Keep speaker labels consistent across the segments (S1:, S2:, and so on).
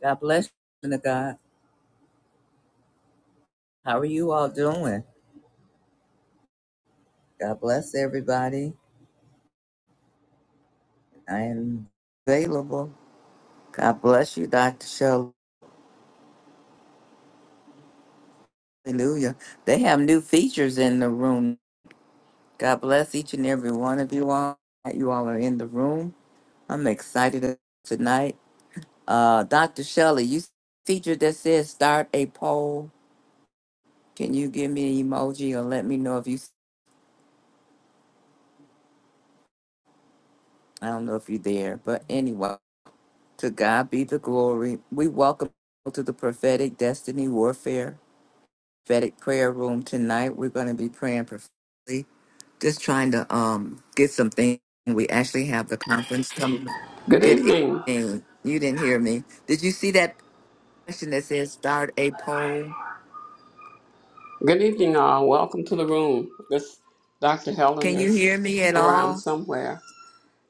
S1: God bless you, to God. How are you all doing? God bless everybody. I am available. God bless you, Dr. Shell. Hallelujah. They have new features in the room. God bless each and every one of you all. that You all are in the room. I'm excited about tonight. Uh, Dr. Shelley, you see a feature that says start a poll. Can you give me an emoji or let me know if you, I don't know if you're there, but anyway. To God be the glory. We welcome you to the prophetic destiny warfare, prophetic prayer room tonight. We're going to be praying prophetically, just trying to um get some things. We actually have the conference coming.
S2: Good
S1: Good
S2: evening.
S1: evening. You didn't hear me. Did you see that question that says start a poll?
S2: Good evening, all. Welcome to the room. This Dr. Helen
S1: Can you
S2: is
S1: hear me at
S2: around
S1: all?
S2: somewhere.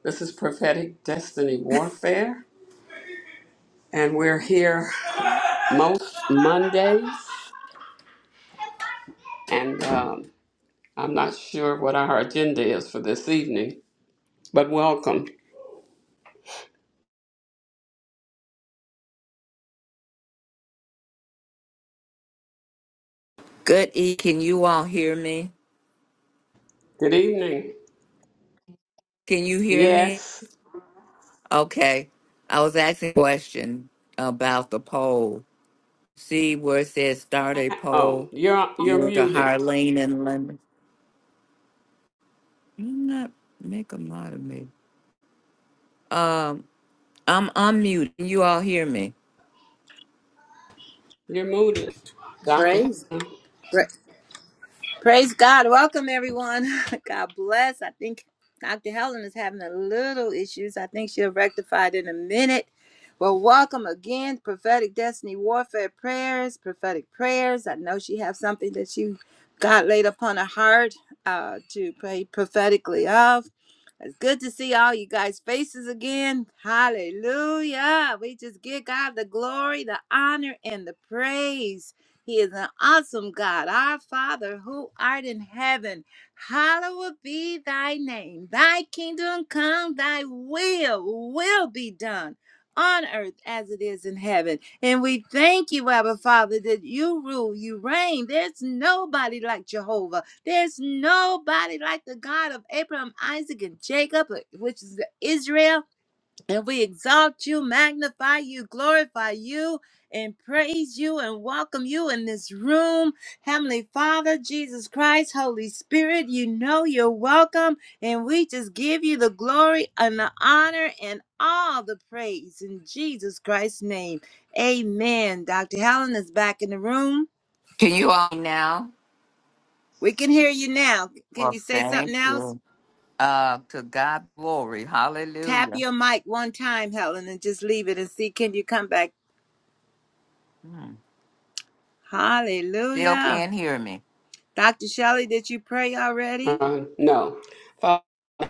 S2: This is Prophetic Destiny Warfare, and we're here most Mondays. And um, I'm not sure what our agenda is for this evening, but welcome.
S1: Good E, can you all hear me?
S2: Good evening.
S1: Can you hear me?
S2: Yes.
S1: Okay. I was asking a question about the poll. See where it says start a
S2: Oh,
S1: poll?
S2: you're
S1: You
S2: you're
S1: went to
S2: muted.
S1: Harlene and Lemon. You not make a lot of me. Um, I'm unmuted. Can You all hear me?
S2: You're muted, Dr.
S3: Praise,
S2: Helen.
S3: pra- praise God. Welcome, everyone. God bless. I think Dr. Helen is having a little issues. I think she'll rectify it in a minute. Well, welcome again, prophetic destiny warfare prayers, prophetic prayers. I know she has something that she God laid upon her heart uh, to pray prophetically of. It's good to see all you guys' faces again. Hallelujah. We just give God the glory, the honor, and the praise. He is an awesome God, our Father who art in heaven. Hallowed be thy name. Thy kingdom come, thy will will be done on earth as it is in heaven. And we thank you, Abba Father, that you rule, you reign. There's nobody like Jehovah. There's nobody like the God of Abraham, Isaac, and Jacob, uh, which is Israel. And we exalt you, magnify you, glorify you, and praise you and welcome you in this room. Heavenly Father, Jesus Christ, Holy Spirit, you know you're welcome. And we just give you the glory and the honor and all the praise in Jesus Christ's name. Amen. Dr. Helen is back in the room.
S1: Can you all hear me now?
S3: We can hear you now. Can you
S1: Well,
S3: say something
S1: thank
S3: else?
S1: you. Uh, to God be glory.
S3: Tap
S1: Hallelujah.
S3: your mic one time, Helen, and just leave it and see can you come back.
S1: Hmm. Still
S3: Hallelujah.
S1: can't hear me.
S3: Dr. Shelley, did you pray already?
S2: Uh, no. Father,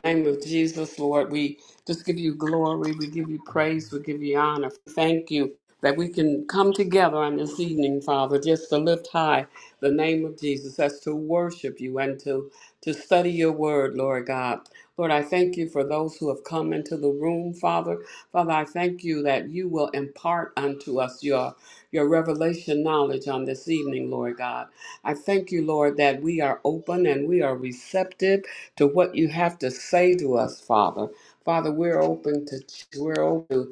S2: in the name of Jesus, Lord, we just give you glory, we give you praise, we give you honor. Thank you that we can come together on this evening, Father, just to lift high the name of Jesus, as to worship you and to, to study your word, Lord God. Lord, I thank you for those who have come into the room, Father. Father, I thank you that you will impart unto us your your revelation knowledge on this evening, Lord God. I thank you, Lord, that we are open and we are receptive to what you have to say to us, Father. Father, we're open to we're open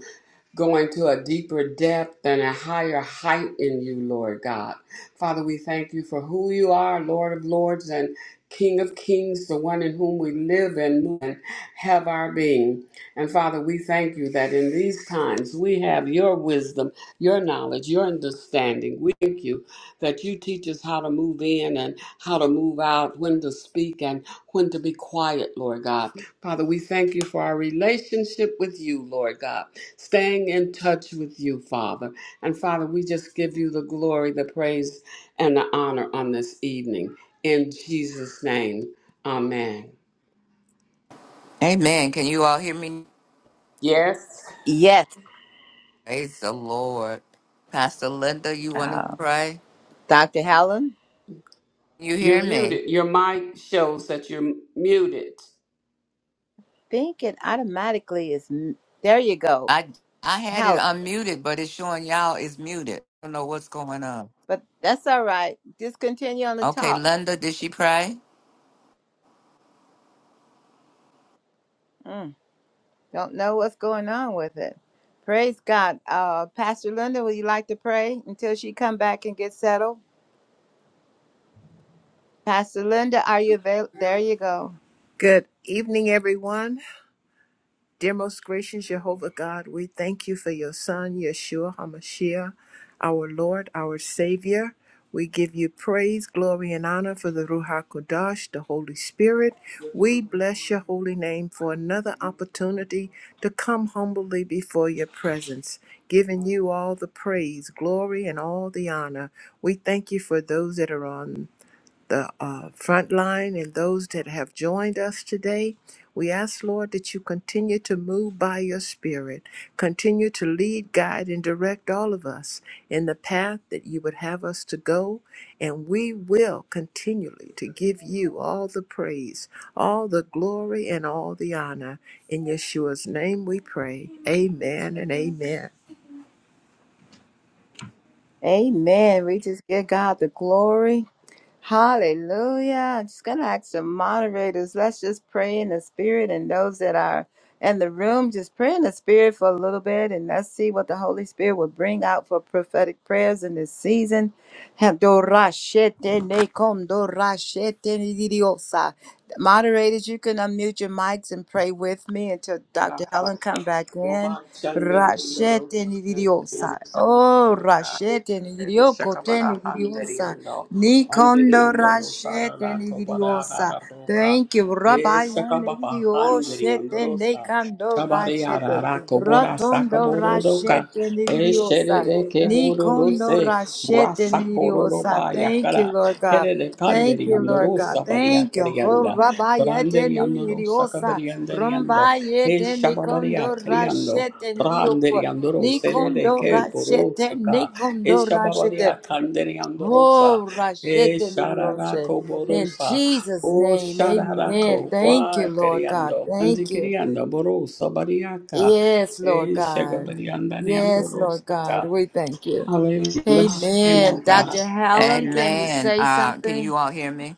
S2: going to a deeper depth and a higher height in you, Lord God. Father, we thank you for who you are, Lord of Lords and King of Kings, the one in whom we live and move and have our being. And Father, we thank you that in these times we have your wisdom, your knowledge, your understanding. We thank you that you teach us how to move in and how to move out, when to speak and when to be quiet, Lord God. Father, we thank you for our relationship with you, Lord God, staying in touch with you, Father. And Father, we just give you the glory, the praise, and the honor on this evening. In Jesus' name, amen.
S1: Amen. Can you all hear me?
S2: Yes,
S3: Yes,
S1: Praise the Lord. Pastor Linda, you want
S3: uh,
S1: to pray?
S3: Dr. Helen.
S1: You
S2: you're
S1: hear me?
S2: muted. Your mic shows that you're muted.
S3: Think it automatically is. m- There you go,
S1: I I had it
S3: Helen.
S1: unmuted, but it's showing y'all is muted. I don't know what's going on.
S3: But that's all right. Just continue on the
S1: Okay,
S3: talk.
S1: Linda, did she pray?
S3: Mm, don't know what's going on with it. Praise God. Uh, Pastor Linda, would you like to pray until she come back and get settled? Pastor Linda, are you available? There you go.
S4: Good evening, everyone. Dear most gracious Jehovah God, we thank you for your Son, Yeshua HaMashiach, our Lord, our Savior. We give you praise, glory, and honor for the Ruach Hakodesh, the Holy Spirit. We bless your holy name for another opportunity to come humbly before your presence, giving you all the praise, glory, and all the honor. We thank you for those that are on the uh, front line and those that have joined us today. We ask, Lord, that you continue to move by your Spirit, continue to lead, guide, and direct all of us in the path that you would have us to go. And we will continually to give you all the praise, all the glory, and all the honor. In Yeshua's name we pray. Amen and amen.
S3: Amen. We just give God the glory. Hallelujah. I'm just going to ask the moderators, let's just pray in the spirit and those that are in the room, just pray in the spirit for a little bit and let's see what the Holy Spirit will bring out for prophetic prayers in this season. Moderators, you can unmute your mics and pray with me until Dr. Helen come back in. Rashete nidiosa. Oh, rashete nidioko te
S2: Shakabara
S3: nidiosa.
S2: Handariando,
S3: Nikondo
S2: Handariando Rosa,
S3: rashete
S2: Rato
S3: nidiosa.
S2: Barara Roca,
S3: Thank you,
S2: E
S3: Rabbi
S2: Shakababa
S3: Nidio
S2: Handariando
S3: shete
S2: Rosa,
S3: nekando
S2: Shabariara
S3: rashete.
S2: Raco Bora
S3: Rotondo
S2: Sacaboro Roca,
S3: rashete
S2: E Shere
S3: nidiosa.
S2: Keburu
S3: Nikondo
S2: Rose,
S3: rashete
S2: Brasacoro
S3: nidiosa.
S2: Roba
S3: Thank you,
S2: Yakara,
S3: Lord God.
S2: Here de
S3: Thank you,
S2: Candariando
S3: Lord God.
S2: Rosa Baria
S3: Thank you. Ho
S2: Carianda,
S3: Rabbi
S2: Brandariando Rosa
S3: nidiosa.
S2: Cabariandariando, E
S3: Rumbayete
S2: Shabaria
S3: nikondo
S2: Cariando,
S3: rashete nidiosa.
S2: Brandariando Rose, Shere de
S3: Nikondo
S2: Keburu
S3: rashete,
S2: Rosa.
S3: nikondo rashete.
S2: Eshababaria Kandere Andorosa,
S3: Oh, Rashete
S2: Esharara
S3: Liliose. In
S2: Koborosa,
S3: Jesus'
S2: O
S3: name, amen.
S2: Shararako,
S3: Thank you, Lord God.
S2: Wakariando,
S3: Thank you.
S2: Antikiriando, Borosa, Bariaka,
S3: Yes, Lord God.
S2: Eshagabarianda,
S3: Yes, Lord God.
S2: Andorosaka.
S3: We thank you.
S2: Hallelujah, bless your name, O
S3: Amen.
S2: God.
S3: Dr. Helen, can you
S1: Amen.
S3: say
S1: Uh, can
S3: something?
S1: you all hear me?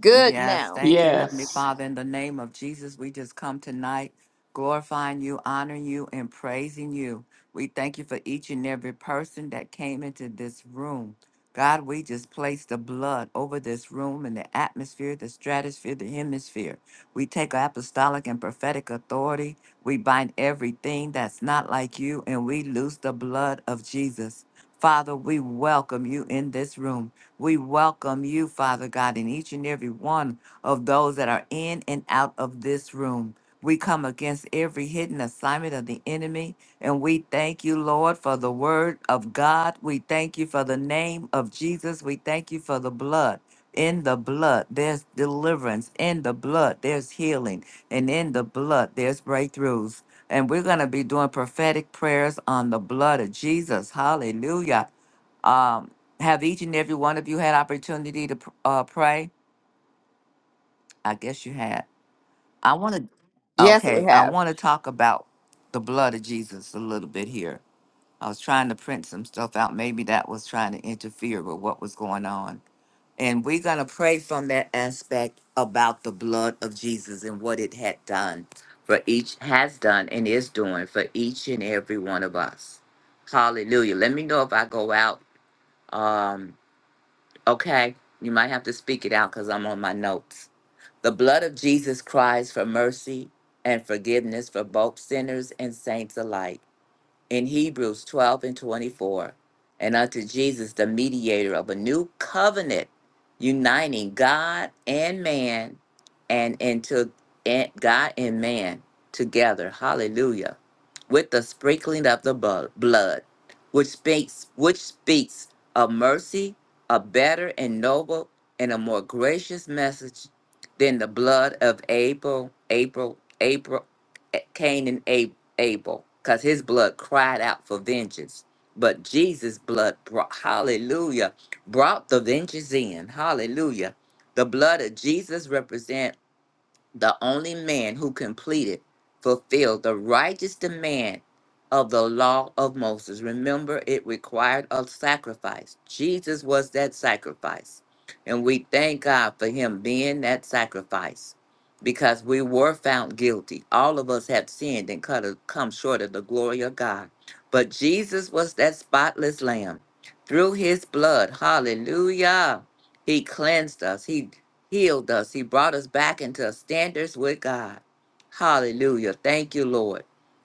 S3: Good
S1: Yes.
S3: now.
S1: Thank you, Heavenly
S2: Yes,
S1: Father. In the name of Jesus, we just come tonight glorifying you, honoring you, and praising you. We thank you for each and every person that came into this room. God, we just place the blood over this room and the atmosphere, the stratosphere, the hemisphere. We take our apostolic and prophetic authority. We bind everything that's not like you, and we loose the blood of Jesus. Father, we welcome you in this room. We welcome you, Father God, and each and every one of those that are in and out of this room. We come against every hidden assignment of the enemy, and we thank you, Lord, for the word of God. We thank you for the name of Jesus. We thank you for the blood. In the blood, there's deliverance. In the blood, there's healing. And in the blood, there's breakthroughs. And we're going to be doing prophetic prayers on the blood of Jesus. Hallelujah. Um, have each and every one of you had opportunity to pr- uh, pray? I guess you had. I want to.
S3: Yes, we
S1: Okay, I
S3: have.
S1: want to talk about the blood of Jesus a little bit here. I was trying to print some stuff out. Maybe that was trying to interfere with what was going on. And we're going to pray from that aspect about the blood of Jesus and what it had done for each, has done, and is doing for each and every one of us. Hallelujah. Let me know if I go out. Um, Okay, you might have to speak it out because I'm on my notes. The blood of Jesus cries for mercy and forgiveness for both sinners and saints alike in Hebrews 12 and 24, and unto Jesus, the mediator of a new covenant, uniting God and man, and into and God and man together. Hallelujah. With the sprinkling of the bu- blood, which speaks, which speaks of mercy, a better and noble and a more gracious message than the blood of Abel, Abel, Abel, Cain and A- Abel, because his blood cried out for vengeance. But Jesus' blood brought, hallelujah, brought the vengeance in. Hallelujah. The blood of Jesus represents the only man who completed, fulfilled the righteous demand of the law of Moses. Remember, it required a sacrifice. Jesus was that sacrifice. And we thank God for him being that sacrifice because we were found guilty. All of us have sinned and cut come short of the glory of God. But Jesus was that spotless lamb. Through his blood, hallelujah he cleansed us. He healed us. He brought us back into standards with God. Hallelujah. Thank you, Lord.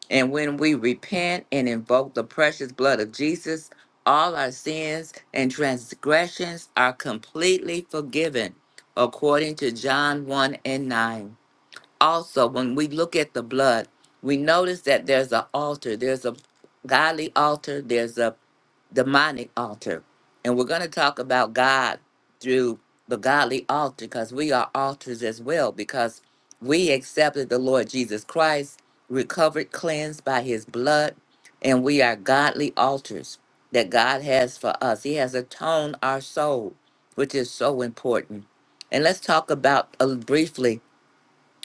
S1: And when we repent and invoke the precious blood of Jesus, all our sins and transgressions are completely forgiven, according to John 1 and 9. Also, when we look at the blood, we notice that there's an altar. There's a godly altar. There's a demonic altar. And we're going to talk about God through the godly altar because we are altars as well because we accepted the Lord Jesus Christ, recovered, cleansed by his blood, and we are godly altars that God has for us. He has atoned our soul, which is so important. And let's talk about uh, briefly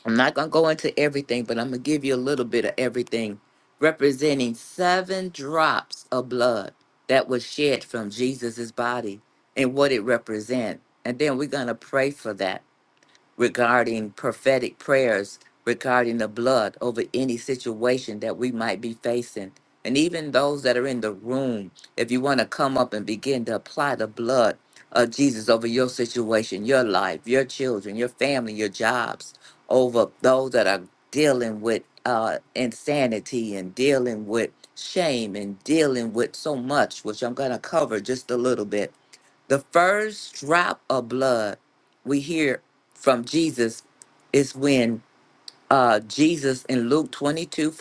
S1: I'm not going to go into everything, but I'm going to give you a little bit of everything, representing seven drops of blood that was shed from Jesus's body and what it represents. And then we're going to pray for that regarding prophetic prayers regarding the blood over any situation that we might be facing. And even those that are in the room, if you want to come up and begin to apply the blood of Jesus over your situation, your life, your children, your family, your jobs, over those that are dealing with uh, insanity and dealing with shame and dealing with so much, which I'm going to cover just a little bit the first drop of blood we hear from Jesus is when uh, Jesus in Luke 22:44,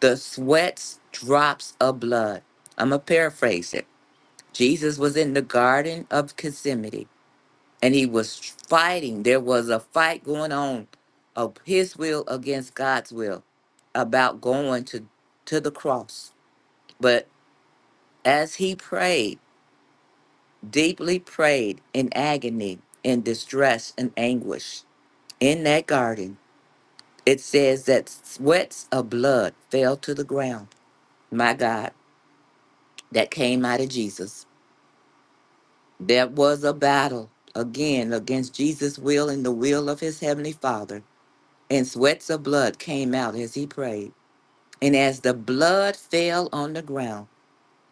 S1: the sweats drops of blood. I'm going to paraphrase it. Jesus was in the Garden of Gethsemane and he was fighting. There was a fight going on of his will against God's will about going to, to the cross. But as he prayed, deeply prayed in agony, in distress and anguish. In that garden, it says that sweats of blood fell to the ground. My God, that came out of Jesus. There was a battle again against Jesus' will and the will of his heavenly Father, and sweats of blood came out as he prayed. And as the blood fell on the ground,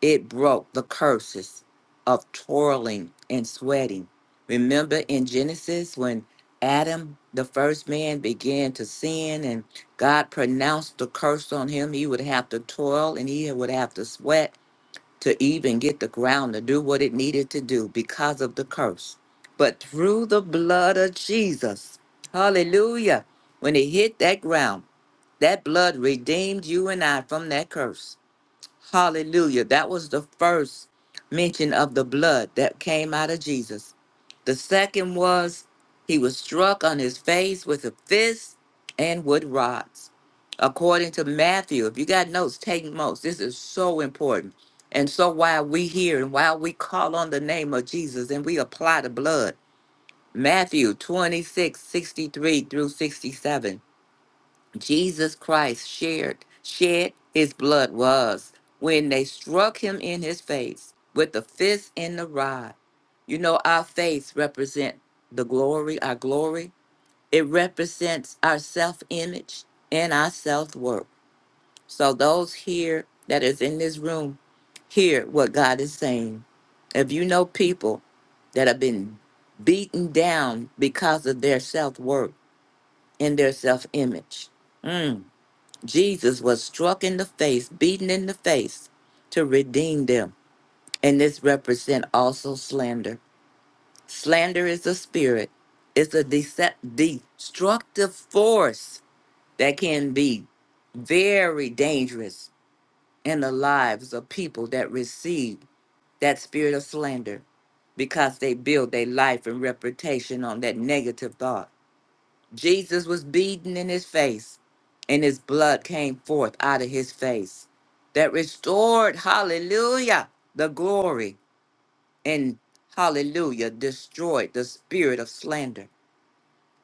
S1: It broke the curses of toiling and sweating. Remember in Genesis when Adam, the first man, began to sin and God pronounced the curse on him? He would have to toil and he would have to sweat to even get the ground to do what it needed to do because of the curse. But through the blood of Jesus, hallelujah, when it hit that ground, that blood redeemed you and I from that curse. Hallelujah. That was the first mention of the blood that came out of Jesus. The second was he was struck on his face with a fist and wood rods. According to Matthew, if you got notes, take notes. This is so important. And so while we hear and while we call on the name of Jesus and we apply the blood, Matthew 26 63 through 67. Jesus Christ shared shed his blood was when they struck him in his face with the fist and the rod. You know, our faith represent the glory, our glory. It represents our self-image and our self-worth. So those here that is in this room hear what God is saying. If you know people that have been beaten down because of their self-worth and their self-image, mm, Jesus was struck in the face, beaten in the face to redeem them. And this represent also slander. Slander is a spirit. It's a decept- destructive force that can be very dangerous in the lives of people that receive that spirit of slander because they build their life and reputation on that negative thought. Jesus was beaten in his face, and his blood came forth out of his face. That restored, hallelujah, the glory, and hallelujah, destroyed the spirit of slander.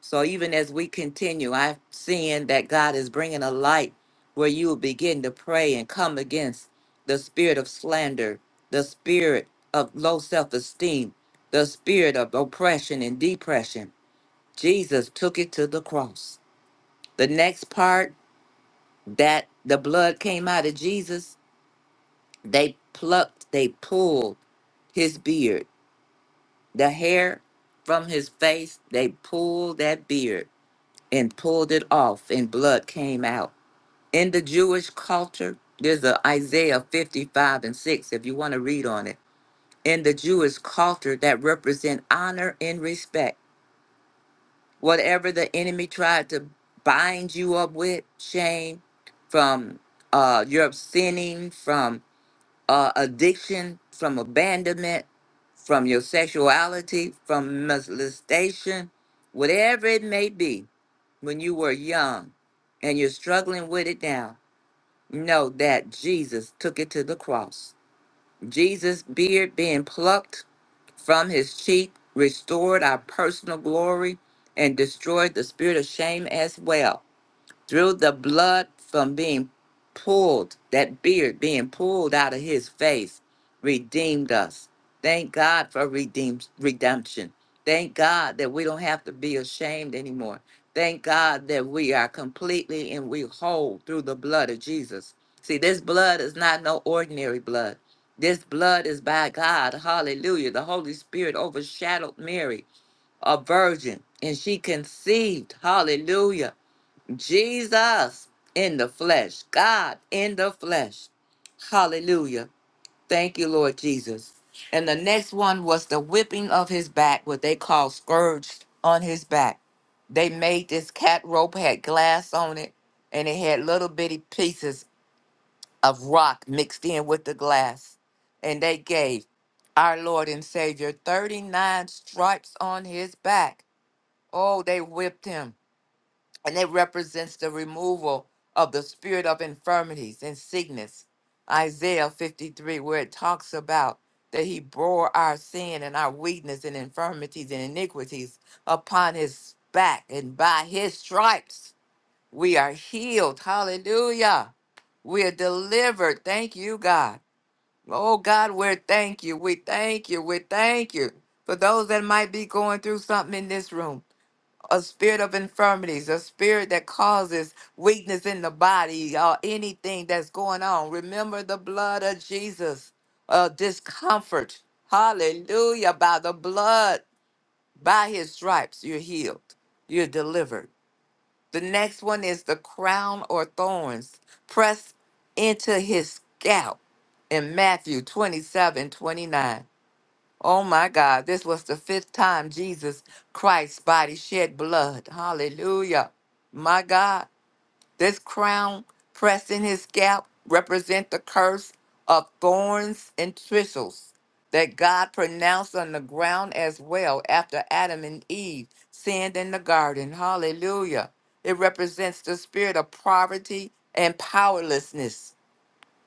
S1: So even as we continue, I'm seeing that God is bringing a light where you will begin to pray and come against the spirit of slander, the spirit of low self esteem, the spirit of oppression and depression. Jesus took it to the cross. The next part that the blood came out of Jesus, they plucked, they pulled his beard, the hair from his face, they pulled that beard and pulled it off, and blood came out. In the Jewish culture, there's a Isaiah 55 and 6, if you want to read on it. In the Jewish culture, that represent honor and respect whatever the enemy tried to bind you up with shame from uh your sinning from uh addiction from abandonment from your sexuality from molestation whatever it may be when you were young and you're struggling with it now know that jesus took it to the cross jesus beard being plucked from his cheek, restored our personal glory, and destroyed the spirit of shame as well through the blood from being pulled, that beard being pulled out of his face, redeemed us. Thank God for redeem redemption. Thank God that we don't have to be ashamed anymore. Thank God that we are completely and we whole through the blood of Jesus. See, this blood is not no ordinary blood. This blood is by God. Hallelujah. The Holy Spirit overshadowed Mary, a virgin, and she conceived. Hallelujah Jesus in the flesh, God in the flesh. Hallelujah. Thank you, Lord Jesus. And the next one was the whipping of his back, what they call scourged on his back. They made this cat rope, had glass on it, and it had little bitty pieces of rock mixed in with the glass. And they gave our Lord and Savior 39 stripes on his back. Oh, they whipped him and it represents the removal of the spirit of infirmities and sickness. Isaiah 53, where it talks about that he bore our sin and our weakness and infirmities and iniquities upon his back, and by his stripes we are healed. Hallelujah. We are delivered. Thank you, God. Oh, God, we thank you. We thank you. We thank you. For those that might be going through something in this room, a spirit of infirmities, a spirit that causes weakness in the body, or anything that's going on. Remember the blood of Jesus, uh, discomfort. Hallelujah. By the blood, by his stripes, you're healed, you're delivered. The next one is the crown or thorns pressed into his scalp in Matthew 27, 29. Oh my God, this was the fifth time Jesus Christ's body shed blood. Hallelujah. My God, this crown pressed in his scalp represent the curse of thorns and thistles that God pronounced on the ground as well after Adam and Eve sinned in the garden. Hallelujah. It represents the spirit of poverty and powerlessness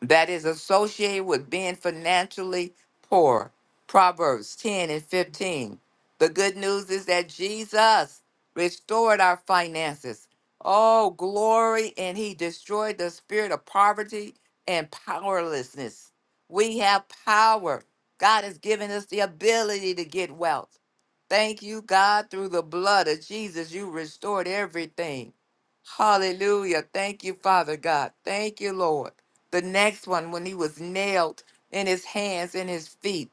S1: that is associated with being financially poor. Proverbs 10 and 15. The good news is that Jesus restored our finances. Oh, glory, and he destroyed the spirit of poverty and powerlessness. We have power. God has given us the ability to get wealth. Thank you, God, through the blood of Jesus, you restored everything. Hallelujah. Thank you, Father God. Thank you, Lord. The next one, when he was nailed in his hands and his feet.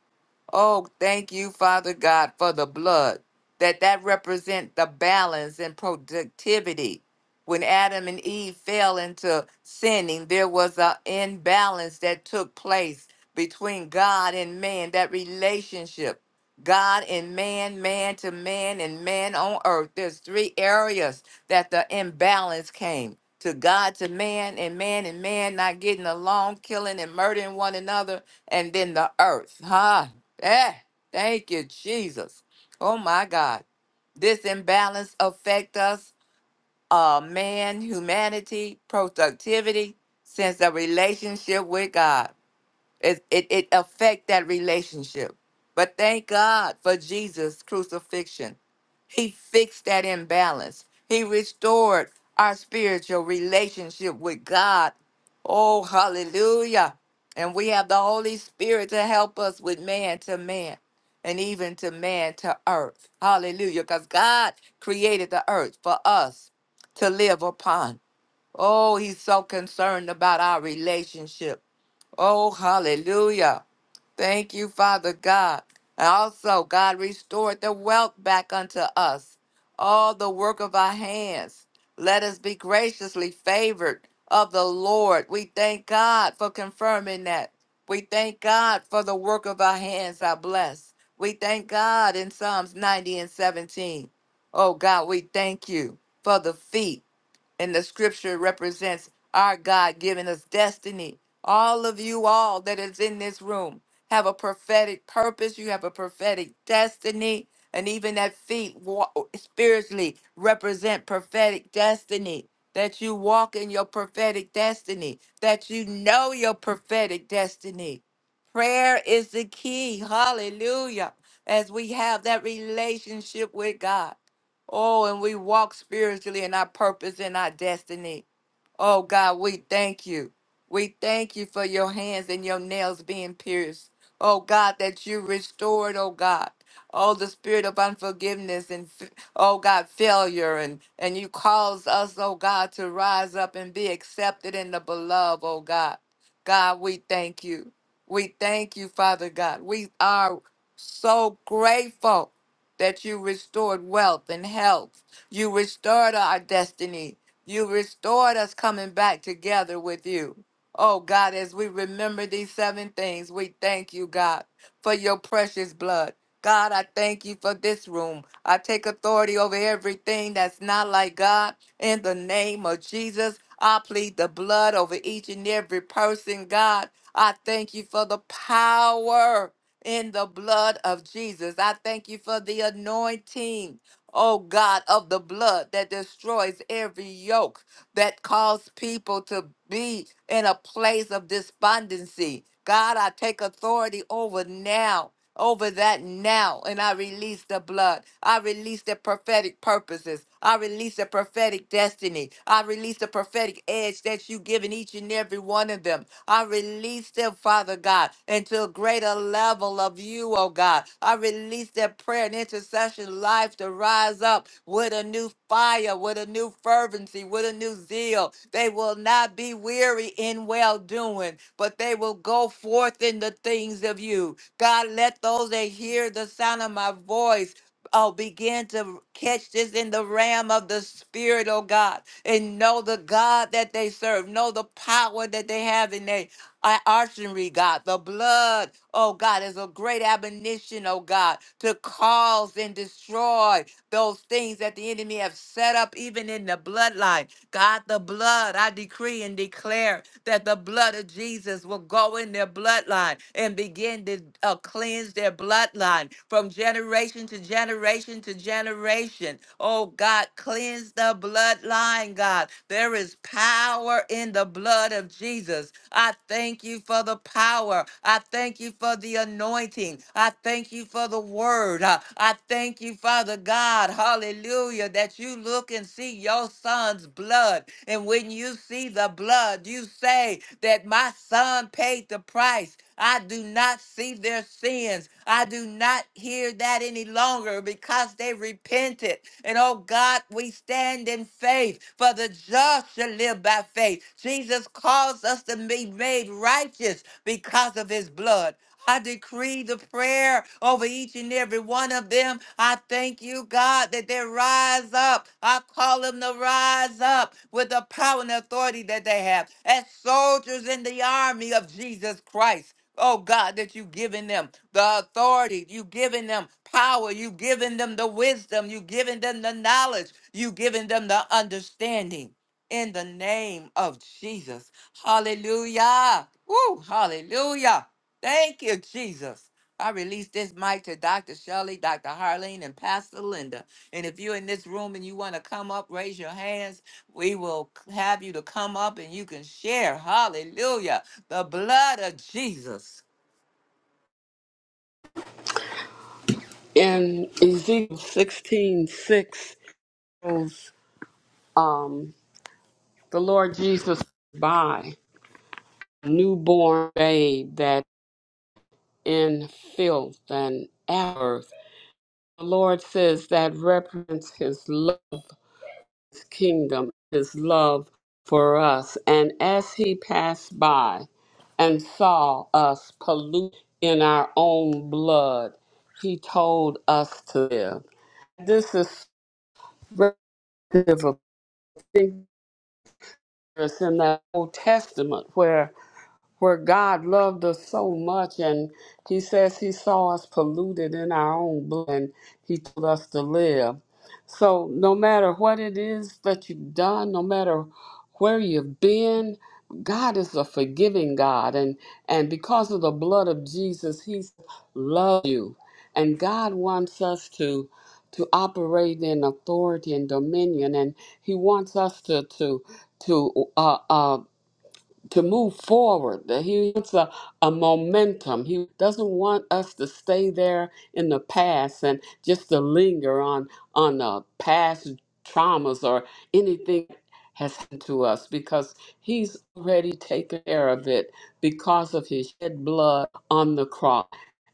S1: Oh, thank you, Father God, for the blood. That that represent the balance and productivity. When Adam and Eve fell into sinning, there was an imbalance that took place between God and man, that relationship. God and man, man to man, and man on earth. There's three areas that the imbalance came to God to man, and man and man not getting along, killing and murdering one another, and then the earth. Huh? Eh, thank you, Jesus. Oh my God. This imbalance affect us, uh, man, humanity, productivity, sense of relationship with God. It it, it affect that relationship. But thank God for Jesus' crucifixion. He fixed that imbalance. He restored our spiritual relationship with God. Oh, hallelujah. And we have the Holy Spirit to help us with man to man and even to man to earth. Hallelujah. Because God created the earth for us to live upon. Oh, he's so concerned about our relationship. Oh, hallelujah. Thank you, Father God. And also, God restored the wealth back unto us, all the work of our hands. Let us be graciously favored of the Lord. We thank God for confirming that. We thank God for the work of our hands are blessed. We thank God in Psalms 90 and 17. Oh God, we thank you for the feet and the scripture represents our God giving us destiny. All of you all that is in this room have a prophetic purpose, you have a prophetic destiny, and even that feet wa- spiritually represent prophetic destiny. That you walk in your prophetic destiny, that you know your prophetic destiny. Prayer is the key. Hallelujah. As we have that relationship with God. Oh, and we walk spiritually in our purpose and our destiny. Oh God, we thank you. We thank you for your hands and your nails being pierced. Oh God, that you restored, oh God. Oh, the spirit of unforgiveness and, f- oh God, failure. And, and you caused us, oh God, to rise up and be accepted in the beloved, oh God. God, we thank you. We thank you, Father God. We are so grateful that you restored wealth and health. You restored our destiny. You restored us coming back together with you. Oh God, as we remember these seven things, we thank you, God, for your precious blood. God, I thank you for this room. I take authority over everything that's not like God. In the name of Jesus, I plead the blood over each and every person, God. I thank you for the power in the blood of Jesus. I thank you for the anointing oh God, of the blood that destroys every yoke that calls people to be in a place of despondency. God, I take authority over now. Over that now, and I release the blood. I release the prophetic purposes. I release a prophetic destiny. I release the prophetic edge that you've given each and every one of them. I release them, Father God, into a greater level of you, oh God. I release their prayer and intercession life to rise up with a new fire, with a new fervency, with a new zeal. They will not be weary in well doing, but they will go forth in the things of you. God, let those that hear the sound of my voice Oh, begin to catch this in the realm of the spirit, oh God, and know the God that they serve, know the power that they have in their uh, archery, God. The blood, oh God, is a great admonition, oh God, to cause and destroy those things that the enemy have set up, even in the bloodline. God, the blood, I decree and declare that the blood of Jesus. Jesus will go in their bloodline and begin to uh, cleanse their bloodline from generation to generation to generation. Oh God, cleanse the bloodline, God. There is power in the blood of Jesus. I thank you for the power. I thank you for the anointing. I thank you for the word. Uh, I thank you, Father God. Hallelujah that you look and see your son's blood. And when you see the blood, you say that my son paid the price. I do not see their sins. I do not hear that any longer because they repented. And oh God, we stand in faith, for the just shall live by faith. Jesus calls us to be made righteous because of his blood. I decree the prayer over each and every one of them. I thank you, God, that they rise up. I call them to rise up with the power and authority that they have as soldiers in the army of Jesus Christ. Oh God, that you've given them the authority, you've given them power, you've given them the wisdom, you've given them the knowledge, you've given them the understanding in the name of Jesus. Hallelujah. Woo, hallelujah. Thank you, Jesus. I release this mic to Dr. Shelley, Dr. Harleen, and Pastor Linda. And if you're in this room and you want to come up, raise your hands. We will c- have you to come up and you can share. Hallelujah. The blood of Jesus.
S2: in Ezekiel 16:6, 6, goes, um, the Lord Jesus by a newborn babe that in filth and ashes The Lord says that represents his love, his kingdom, his love for us. And as he passed by and saw us pollute in our own blood, he told us to live. This is representative of things in the Old Testament where where God loved us so much, and He says He saw us polluted in our own blood, and He told us to live. So, no matter what it is that you've done, no matter where you've been, God is a forgiving God, and and because of the blood of Jesus, He's loved you, and God wants us to to operate in authority and dominion, and He wants us to to to uh, uh, to move forward. That he wants a, a momentum. He doesn't want us to stay there in the past and just to linger on on uh, past traumas or anything has happened to us because he's already taken care of it because of his shed blood on the cross.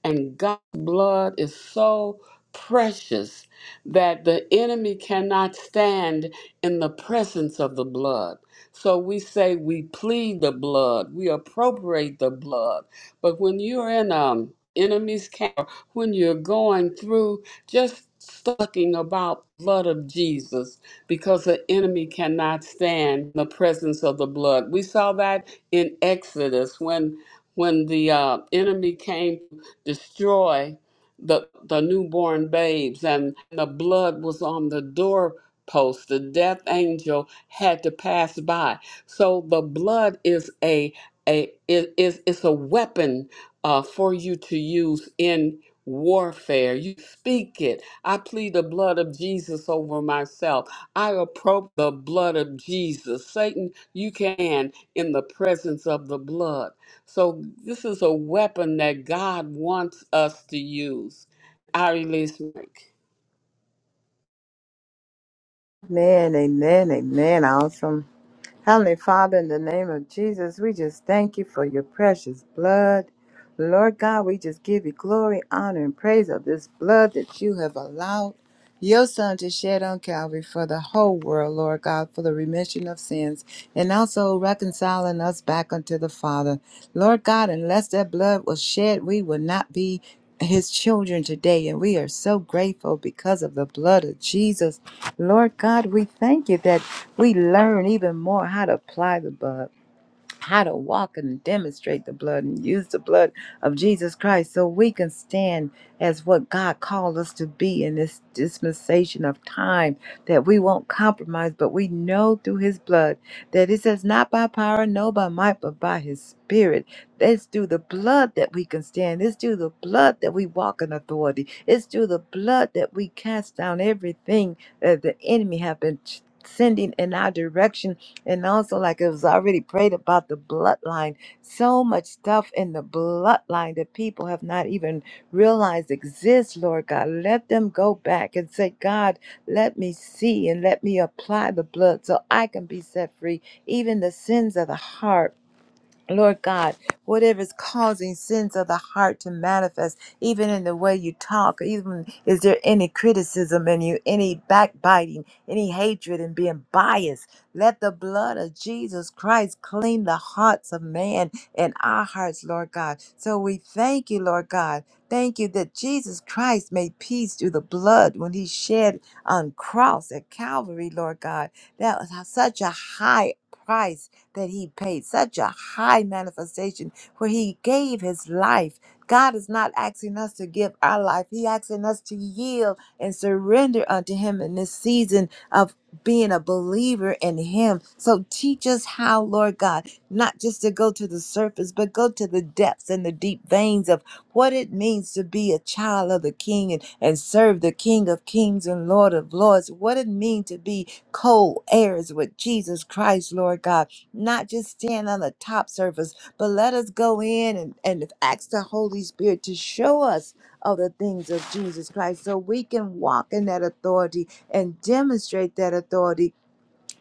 S2: And God's blood is so precious that the enemy cannot stand in the presence of the blood so we say we plead the blood, we appropriate the blood. But when you're in um enemy's camp, when you're going through, just talking about blood of Jesus because the enemy cannot stand in the presence of the blood. We saw that in Exodus when when the uh, enemy came to destroy the the newborn babes and the blood was on the door post. The death angel had to pass by. So the blood is a a it is it's a weapon uh, for you to use in warfare. You speak it. I plead the blood of Jesus over myself. I approach the blood of Jesus. Satan, you can in the presence of the blood. So this is a weapon that God wants us to use. I release Mike.
S3: Amen, amen, amen. Awesome. Heavenly Father, in the name of Jesus, we just thank you for your precious blood. Lord God, we just give you glory, honor, and praise of this blood that you have allowed your son to shed on Calvary for the whole world, Lord God, for the remission of sins, and also reconciling us back unto the Father. Lord God, unless that blood was shed, we would not be his children today, and we are so grateful because of the blood of Jesus. Lord God, we thank you that we learn even more how to apply the blood how to walk and demonstrate the blood and use the blood of Jesus Christ so we can stand as what God called us to be in this dispensation of time that we won't compromise, but we know through his blood that it says not by power, no by might, but by his spirit. It's through the blood that we can stand. It's through the blood that we walk in authority. It's through the blood that we cast down everything that the enemy have been sending in our direction and also, like it was already prayed about the bloodline, so much stuff in the bloodline that people have not even realized exists, Lord God. Let them go back and say, God, let me see and let me apply the blood so I can be set free, even the sins of the heart. Lord God, whatever is causing sins of the heart to manifest, even in the way you talk, even is there any criticism in you, any backbiting, any hatred and being biased? Let the blood of Jesus Christ clean the hearts of man and our hearts, Lord God. So we thank you, Lord God. Thank you that Jesus Christ made peace through the blood when he shed on cross at Calvary, Lord God. That was such a high price that he paid, such a high manifestation where he gave his life. God is not asking us to give our life, He asking us to yield and surrender unto Him in this season of being a believer in Him. So teach us how, Lord God, not just to go to the surface, but go to the depths and the deep veins of what it means to be a child of the King and, and serve the King of Kings and Lord of Lords, what it means to be co heirs with Jesus Christ, Lord God not just stand on the top surface, but let us go in and, and ask the Holy Spirit to show us of the things of Jesus Christ so we can walk in that authority and demonstrate that authority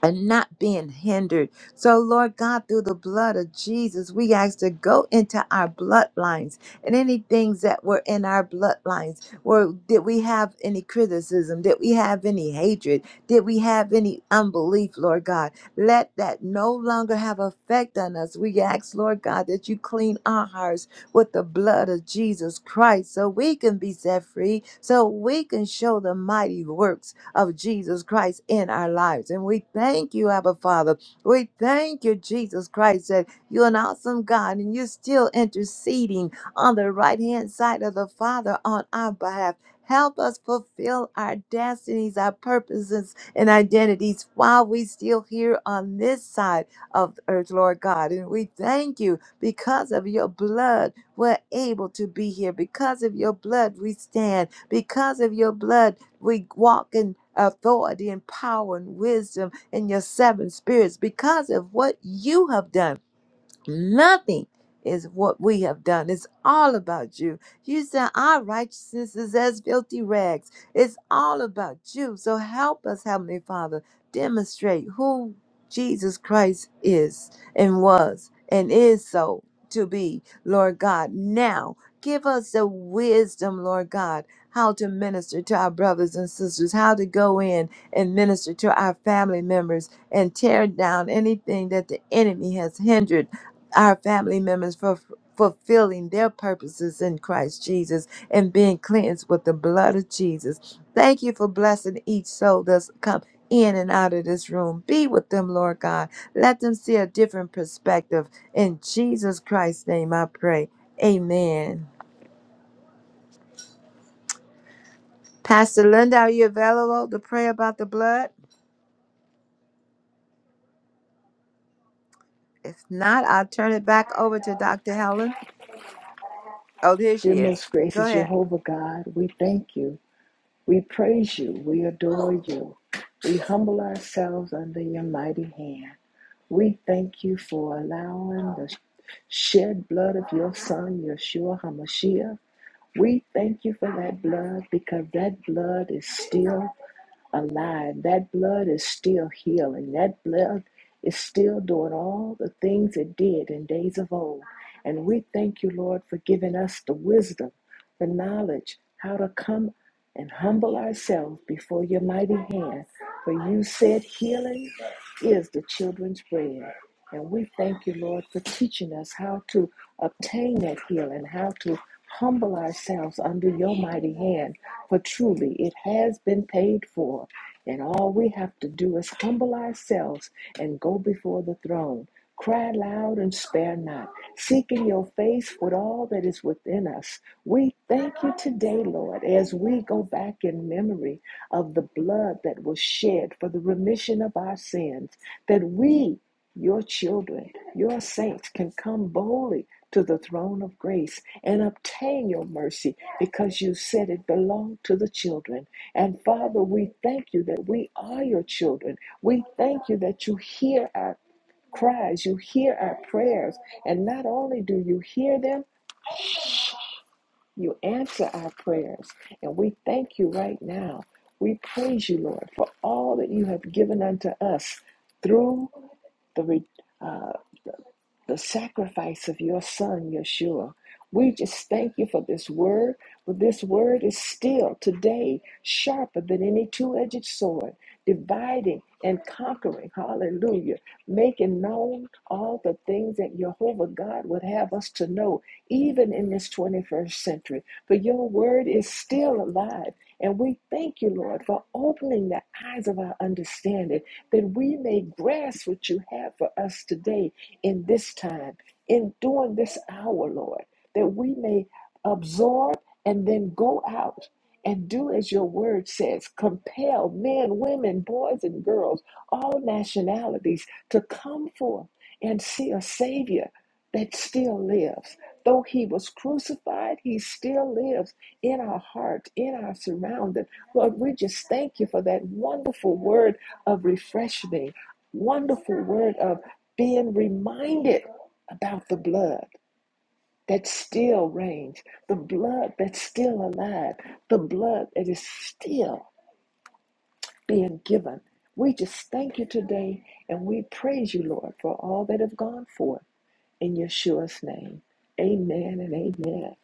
S3: and not being hindered. So, Lord God, through the blood of Jesus, we ask to go into our bloodlines and any things that were in our bloodlines. Where did we have any criticism? Did we have any hatred? Did we have any unbelief, Lord God? Let that no longer have effect on us. We ask, Lord God, that you clean our hearts with the blood of Jesus Christ so we can be set free, so we can show the mighty works of Jesus Christ in our lives. And we thank you, Abba Father. We thank you, Jesus Christ, that you're an awesome God and you're still interceding on the right hand side of the Father on our behalf. Help us fulfill our destinies, our purposes, and identities while we still here on this side of the earth, Lord God. And we thank you because of your blood, we're able to be here. Because of your blood, we stand. Because of your blood, we walk in authority and power and wisdom in your seven spirits because of what you have done Nothing is what we have done. It's all about you. You said our righteousness is as filthy rags. It's all about you. So help us, Heavenly Father, demonstrate who Jesus Christ is and was and is so to be, Lord God. Now, give us the wisdom, Lord God, how to minister to our brothers and sisters, how to go in and minister to our family members and tear down anything that the enemy has hindered our family members for fulfilling their purposes in Christ Jesus and being cleansed with the blood of Jesus. Thank you for blessing each soul that's come in and out of this room. Be with them, Lord God. Let them see a different perspective. In Jesus Christ's name, I pray. Amen. Pastor Linda, are you available to pray about the blood? If not, I'll turn it back over to Dr. Helen. Oh, there she
S4: Dear
S3: is.
S4: most
S3: Go
S4: gracious
S3: ahead.
S4: Jehovah God, we thank you. We praise you. We adore you. We humble ourselves under your mighty hand. We thank you for allowing the shed blood of your son, Yeshua HaMashiach. We thank you for that blood because that blood is still alive. That blood is still healing. That blood is still doing all the things it did in days of old. And we thank you, Lord, for giving us the wisdom, the knowledge, how to come and humble ourselves before your mighty hand. For you said healing is the children's bread. And we thank you, Lord, for teaching us how to obtain that healing, how to humble ourselves under your mighty hand. For truly, it has been paid for. And all we have to do is humble ourselves and go before the throne. Cry loud and spare not, seeking your face with all that is within us. We thank you today, Lord, as we go back in memory of the blood that was shed for the remission of our sins, that we your children, your saints can come boldly to the throne of grace and obtain your mercy because you said it belonged to the children. And Father, we thank you that we are your children. We thank you that you hear our cries, you hear our prayers. And not only do you hear them, you answer our prayers. And we thank you right now. We praise you, Lord, for all that you have given unto us through the the sacrifice of your son, Yeshua. We just thank you for this word, but this word is still today sharper than any two edged sword, dividing and conquering. Hallelujah. Making known all the things that Jehovah God would have us to know, even in this 21st century. For your word is still alive. And we thank you, Lord, for opening the eyes of our understanding that we may grasp what you have for us today in this time, in during this hour, Lord, that we may absorb and then go out and do as your word says compel men, women, boys, and girls, all nationalities to come forth and see a Savior that still lives. Though he was crucified, he still lives in our heart, in our surrounding. Lord, we just thank you for that wonderful word of refreshing, wonderful word of being reminded about the blood that still reigns, the blood that's still alive, the blood that is still being given. We just thank you today and we praise you, Lord, for all that have gone forth in Yeshua's name. Amen and amen.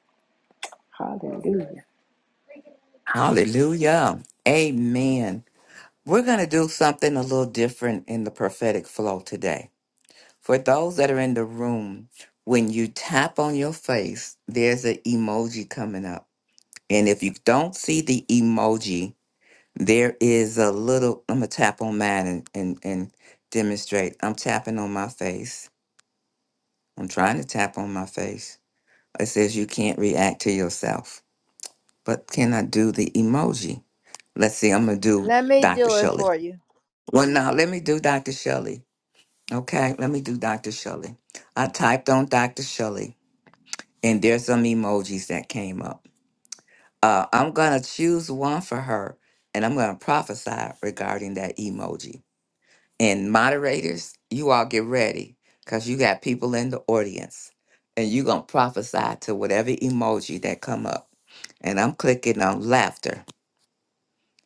S4: Hallelujah.
S1: Hallelujah. Amen. We're going to do something a little different in the prophetic flow today. For those that are in the room, when you tap on your face, there's an emoji coming up. And if you don't see the emoji, there is a little, I'm gonna tap on mine and, and, and demonstrate. I'm tapping on my face. I'm trying to tap on my face. It says you can't react to yourself. But can I do the emoji? Let's see, I'm gonna do
S3: Let me
S1: Dr.
S3: do it
S1: Shelley.
S3: for you.
S1: Well, now let me do Dr. Shelley. Okay, let me do Dr. Shelley. I typed on Dr. Shelley. and there's some emojis that came up. Uh, I'm gonna choose one for her, and I'm gonna prophesy regarding that emoji. And moderators, you all get ready, cause you got people in the audience, and you gonna prophesy to whatever emoji that come up. And I'm clicking on laughter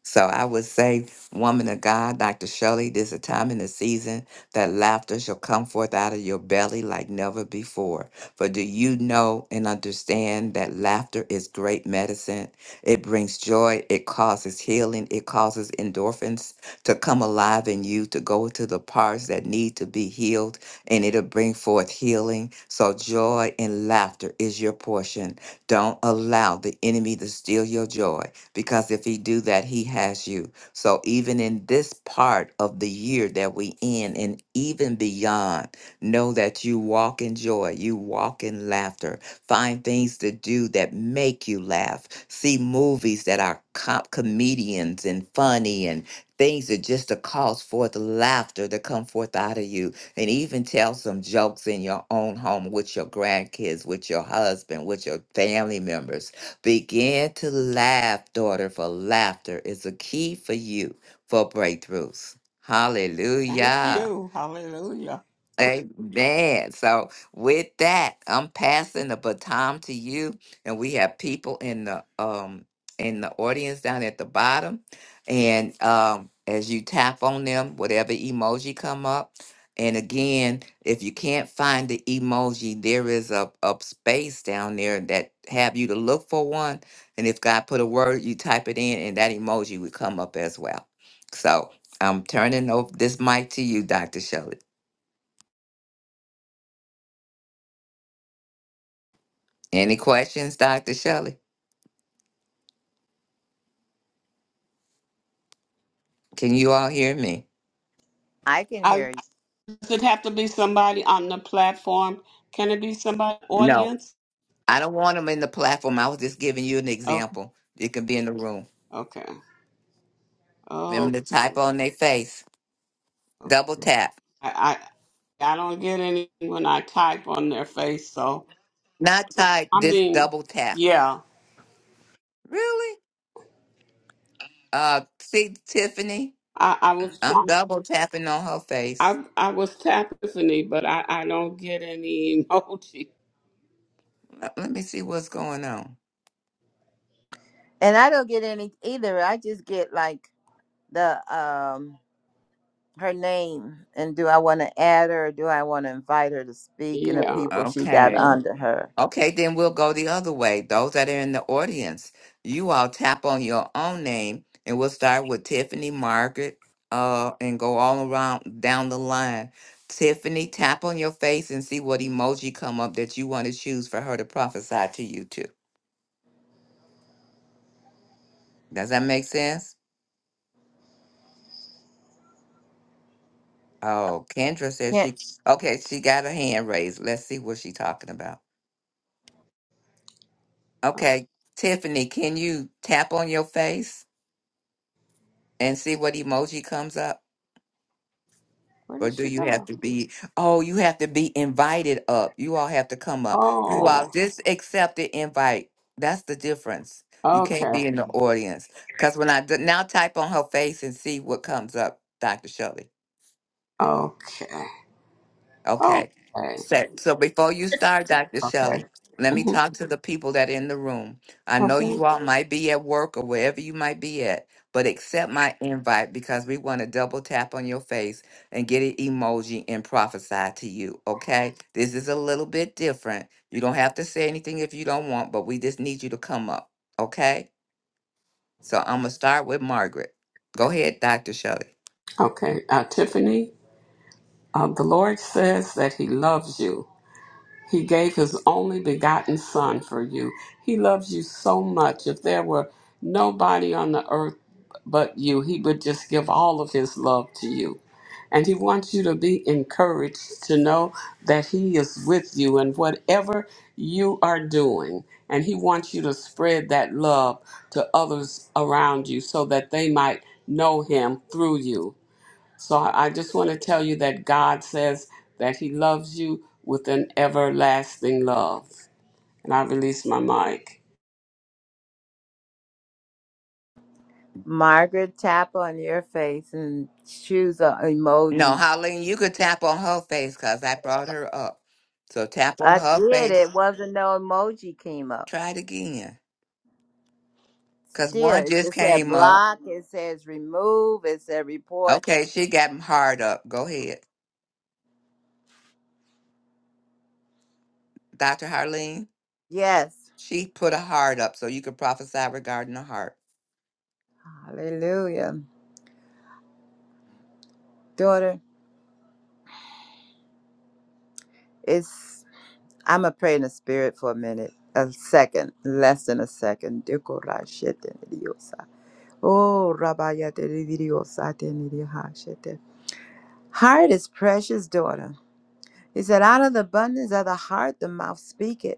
S1: so I would say, woman of God, Dr. Shirley, there's a time in the season that laughter shall come forth out of your belly like never before. For do you know and understand that laughter is great medicine? It brings joy, it causes healing, it causes endorphins to come alive in you, to go to the parts that need to be healed, and it'll bring forth healing. So joy and laughter is your portion. Don't allow the enemy to steal your joy because if he do that he has you so even in this part of the year that we in and even beyond know that you walk in joy you walk in laughter find things to do that make you laugh see movies that are com- comedians and funny and things that just to cause forth laughter to come forth out of you and even tell some jokes in your own home with your grandkids with your husband with your family members Begin to laugh, daughter, for laughter is a key for you for breakthroughs.
S2: Thank
S1: Hallelujah.
S2: you. Hallelujah.
S1: Amen. So with that, I'm passing the baton to you, and we have people in the um in the audience down at the bottom, and um as you tap on them, whatever emoji come up, and again, if you can't find the emoji, there is a a space down there that have you to look for one, and if God put a word, you type it in, and that emoji would come up as well. So I'm turning over this mic to you, Dr. Shelley. Any questions, Dr. Shelley? Can you all hear me?
S3: I can
S2: I.
S3: hear you.
S2: Does it have to be somebody on the platform? Can it be somebody in the
S1: No,
S2: audience?
S1: I don't want them in the platform. I was just giving you an
S2: Okay,
S1: example. It can be in the room.
S2: okay, oh,
S1: Remember to type on their face. Double
S2: okay.
S1: tap.
S2: I, I I don't get anything when I type on their face. So
S1: Not type,
S2: I
S1: just
S2: mean,
S1: double tap.
S2: yeah,
S1: Really? Uh, see, Tiffany,
S2: I, I was trying.
S1: I'm double tapping on her face.
S2: I I was tapping Tiffany, but I I don't get any emoji.
S1: Let let me see what's going on.
S3: And I don't get any either. I just get like the um her name and do I want to add her or do I want to invite her to speak and the
S2: Yeah,
S3: people she got
S1: Okay.
S3: under her.
S1: Okay, then we'll go the other way. Those that are in the audience, you all tap on your own name, and we'll start with Tiffany, Margaret, uh, and go all around down the line. Tiffany, tap on your face and see what emoji come up that you want to choose for her to prophesy to you to. Does that make sense? Oh, Kendra says
S3: Can't
S1: she. Okay, she got her hand raised. Let's see what she's talking about. Okay, Tiffany, can you tap on your face and see what emoji comes up?
S2: where
S1: Or
S2: did
S1: do
S2: she
S1: you have
S2: go?
S1: to be, oh, you have to be invited up. You all have to come up. You all
S2: Oh,
S1: just accept the invite. That's the difference. You can't
S2: okay,
S1: be in the audience. Because when I d- now type on her face and see what comes up, Dr. Shelley.
S2: okay,
S1: Okay.
S2: okay,
S1: so So before you start, Dr.
S2: okay,
S1: Shelley, let me
S2: Mhm.
S1: talk to the people that are in the room. I know
S2: okay,
S1: you all might be at work or wherever you might be at, but accept my invite because we want to double tap on your face and get an emoji and prophesy to you. Okay? This is a little bit different. You don't have to say anything if you don't want, but we just need you to come up. Okay? So I'm going to start with Margaret. Go ahead, Dr. Shelley.
S2: okay. Uh, Tiffany. Uh, the Lord says that He loves you. He gave His only begotten Son for you. He loves you so much. If there were nobody on the earth but you, He would just give all of His love to you. And He wants you to be encouraged to know that He is with you in whatever you are doing. And He wants you to spread that love to others around you so that they might know Him through you. So I I just want to tell you that God says that He loves you with an everlasting love. And I release my mic.
S3: Margaret tap on your face and choose a
S1: No,
S3: emoji.
S1: Holly, you could tap on her face because I brought her up. So tap on
S3: I
S1: her
S3: did.
S1: face.
S3: It wasn't no emoji came up.
S1: Try it again. Because
S3: Still,
S1: one
S3: it
S1: just
S3: just said
S1: came up.
S3: block. It says remove. It said report.
S1: Okay, she got hard up. Go ahead. Dr. Harleen,
S3: Yes.
S1: she put a heart up so you could prophesy regarding the heart.
S3: Hallelujah, daughter. It's. I'm going to pray in the spirit for a minute, a second, less than a second. Dekorashitenidiosa. Oh, rabayatenididiosatenidiahashite. Heart is precious, daughter. He said, out of the abundance of the heart, the mouth speaketh.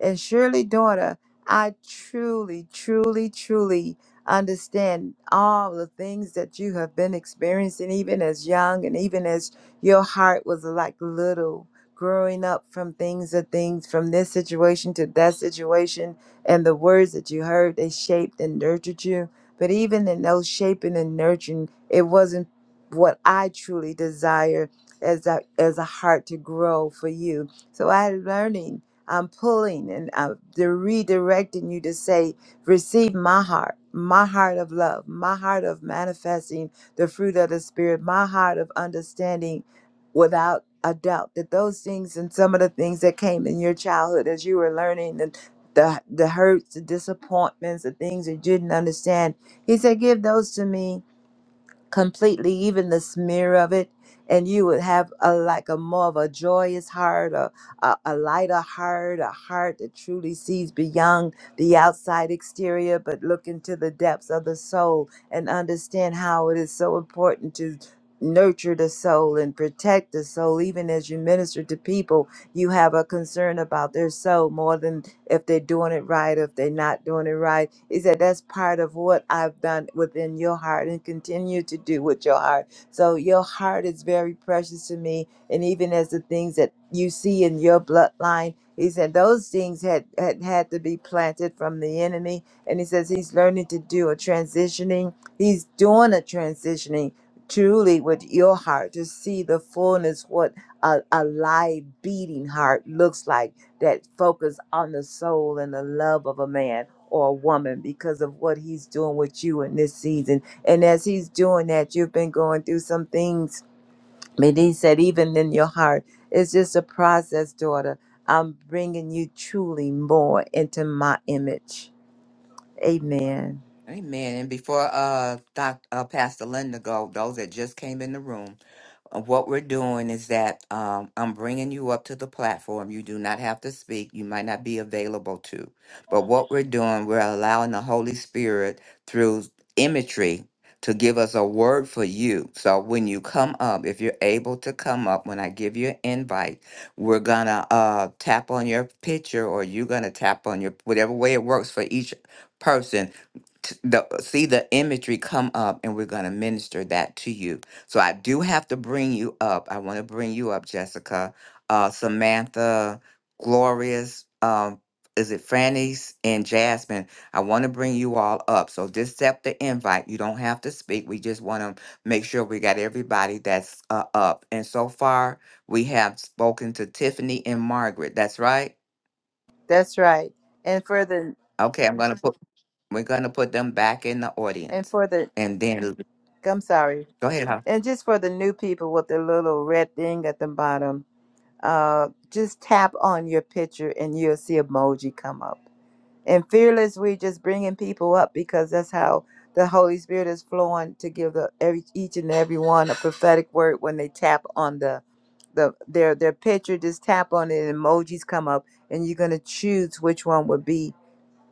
S3: And surely, daughter, I truly, truly, truly understand all the things that you have been experiencing, even as young and even as your heart was like little, growing up from things to things, from this situation to that situation. And the words that you heard, they shaped and nurtured you. But even in those shaping and nurturing, it wasn't what I truly desire as a, as a heart to grow for you. So I learning I'm pulling and I'm de- redirecting you to say, receive my heart, my heart of love, my heart of manifesting the fruit of the Spirit, my heart of understanding without a doubt that those things and some of the things that came in your childhood as you were learning and the, the hurts, the disappointments, the things that you didn't understand. He said, Give those to me completely, even the smear of it, and you would have a like a more of a joyous heart, a, a, a lighter heart, a heart that truly sees beyond the outside exterior, but look into the depths of the soul and understand how it is so important to nurture the soul and protect the soul even as you minister to people you have a concern about their soul more than if they're doing it right, if they're not doing it right. He said, That's part of what I've done within your heart and continue to do with your heart. So your heart is very precious to me. And even as the things that you see in your bloodline, he said those things had, had had to be planted from the enemy. And he says he's learning to do a transitioning. He's doing a transitioning truly with your heart to see the fullness what a, a live beating heart looks like that focus on the soul and the love of a man or a woman because of what he's doing with you in this season. And as he's doing that, you've been going through some things. And he said, even in your heart, it's just a process, daughter. I'm bringing you truly more into my image. Amen.
S1: Amen. And before uh, Doc, uh Pastor Linda go, those that just came in the room, uh, what we're doing is that um, I'm bringing you up to the platform. You do not have to speak. You might not be available to. But what we're doing, we're allowing the Holy Spirit through imagery to give us a word for you. So when you come up, if you're able to come up, when I give you an invite, we're gonna uh, tap on your picture, or you're gonna tap on your whatever way it works for each person t- the see the imagery come up and we're going to minister that to you so i do have to bring you up i want to bring you up jessica uh samantha glorious um is it Franny's and Jasmine? I want to bring you all up. So just accept the invite. You don't have to speak. We just want to make sure we got everybody that's uh, up. And so far, we have spoken to Tiffany and Margaret. That's right.
S3: That's right. And for the,
S1: Okay, I'm gonna put. We're gonna put them back in the
S3: and
S1: audience,
S3: for the,
S1: and then
S3: I'm sorry.
S1: Go ahead. Hon.
S3: And just for the new people with the little red thing at the bottom, uh, just tap on your picture and you'll see emoji come up. And fearless, we're just bringing people up because that's how the Holy Spirit is flowing to give the every each and every one a prophetic word when they tap on the the their their picture. Just tap on it, and emojis come up, and you're gonna choose which one would be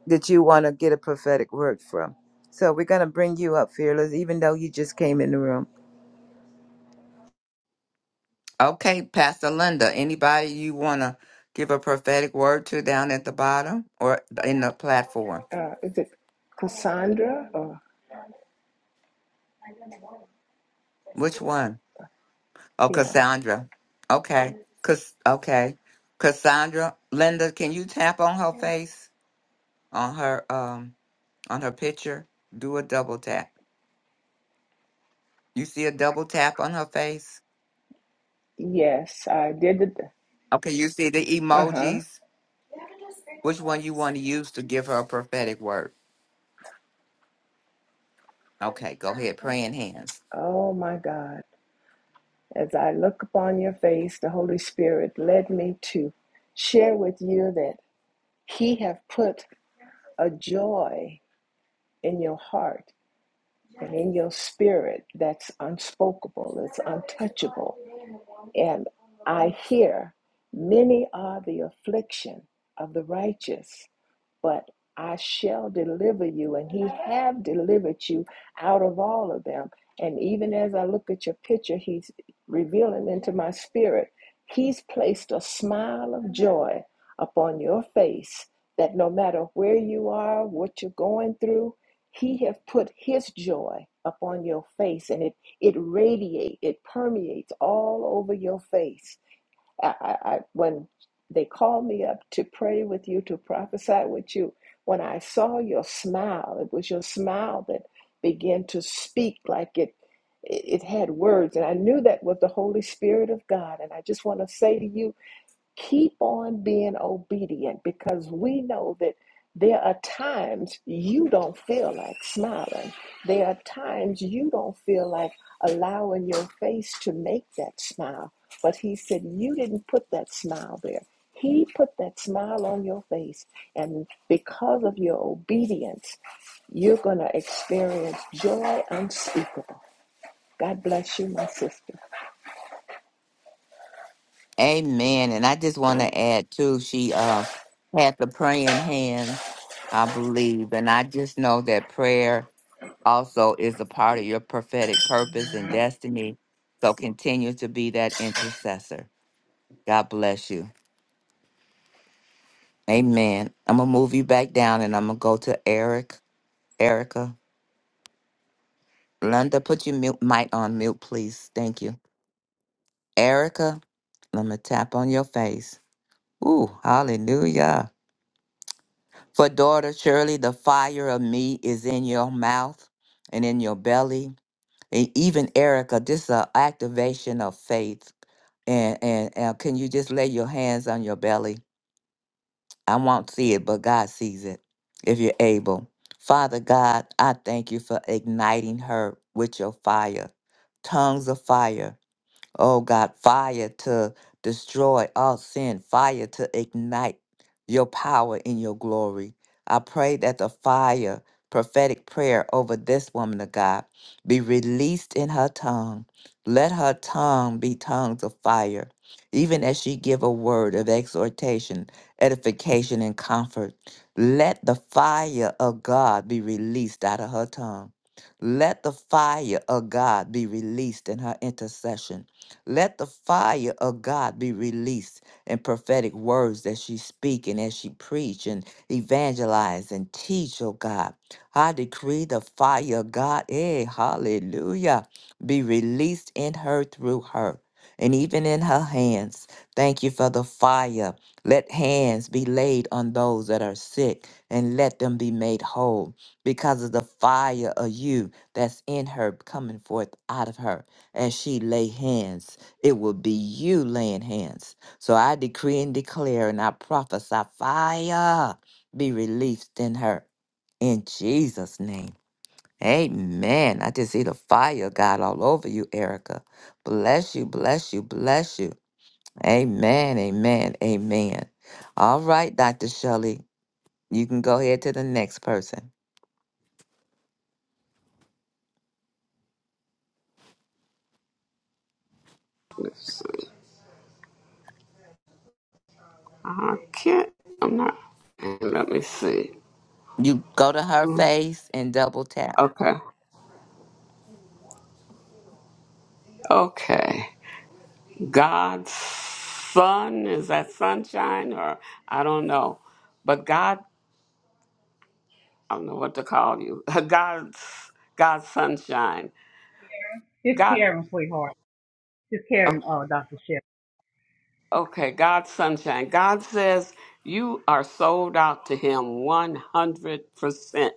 S3: that you want to get a prophetic word from. So we're gonna bring you up, fearless, even though you just came in the room.
S1: Okay, Pastor Linda, anybody you want to give a prophetic word to down at the bottom or in the platform?
S4: Uh, is it Cassandra? Or
S1: Which one? Oh,
S4: yeah.
S1: Cassandra. Okay. Cass- okay. Cassandra, Linda, can you tap on her face on her um on her picture? Do a double tap. You see a double tap on her face?
S4: Yes, I did it.
S1: Okay, you see the
S4: Uh huh.
S1: emojis? Which one you want to use to give her a prophetic word? Okay, go ahead. Praying hands.
S4: Oh my God. As I look upon your face, the Holy Spirit led me to share with you that He have put a joy in your heart and in your spirit that's unspeakable, it's untouchable. And I hear, many are the affliction of the righteous, but I shall deliver you, and he have delivered you out of all of them. And even as I look at your picture, he's revealing into my spirit, he's placed a smile of joy upon your face that no matter where you are, what you're going through, he have put his joy upon your face and it, it radiates, it permeates all over your face I, I, I when they called me up to pray with you, to prophesy with you, when I saw your smile, it was your smile that began to speak like it it, it had words, and I knew that was the Holy Spirit of God. And I just want to say to you keep on being obedient because we know that there are times you don't feel like smiling. There are times you don't feel like allowing your face to make that smile. But he said, You didn't put that smile there. He put that smile on your face. And because of your obedience, you're going to experience joy unspeakable. God bless you, my sister.
S1: Amen. And I just want to add too, she uh had the praying hands, I believe. And I just know that prayer also is a part of your prophetic purpose and destiny. So continue to be that intercessor. God bless you. Amen. I'm gonna move you back down and I'm gonna go to Eric. Erica. Linda, put your mute mic on mute, please. Thank you. Erica, let me tap on your face. Ooh, hallelujah. For daughter, surely the fire of me is in your mouth and in your belly. And even Erica, this is an activation of faith. And, and and can you just lay your hands on your belly? I won't see it, but God sees it if you're able. Father God, I thank you for igniting her with your fire, tongues of fire. Oh God, fire to destroy all sin, fire to ignite your power in your glory. I pray that the fire, prophetic prayer over this woman of God, be released in her tongue. Let her tongue be tongues of fire, even as she give a word of exhortation, edification, and comfort. Let the fire of God be released out of her tongue. Let the fire of God be released in her intercession. Let the fire of God be released in prophetic words that she speak and as she preach and evangelize and teach, oh God. I decree the fire of God, eh, hallelujah, be released in her through her and even in her hands. Thank you for the fire. Let hands be laid on those that are sick and let them be made whole because of the fire of you that's in her coming forth out of her. As she lay hands, it will be you laying hands. So I decree and declare and I prophesy fire be released in her. In Jesus' name. Amen. I just see the fire of God all over you, Erica. Bless you, bless you, bless you. Amen, amen, amen. All right, Dr. Shelley, you can go ahead to the next person.
S2: I can't, I'm not, let me see.
S1: You go to her
S2: Mm,
S1: face and double tap.
S2: Okay, okay. God's sun, is that sunshine or I don't know. But God, I don't know what to call you. God's, God's sunshine.
S5: Just
S2: God,
S5: Karen, sweetheart. Just Karen, uh, Dr. Shep.
S2: Okay, God's sunshine. God says you are sold out to Him 100%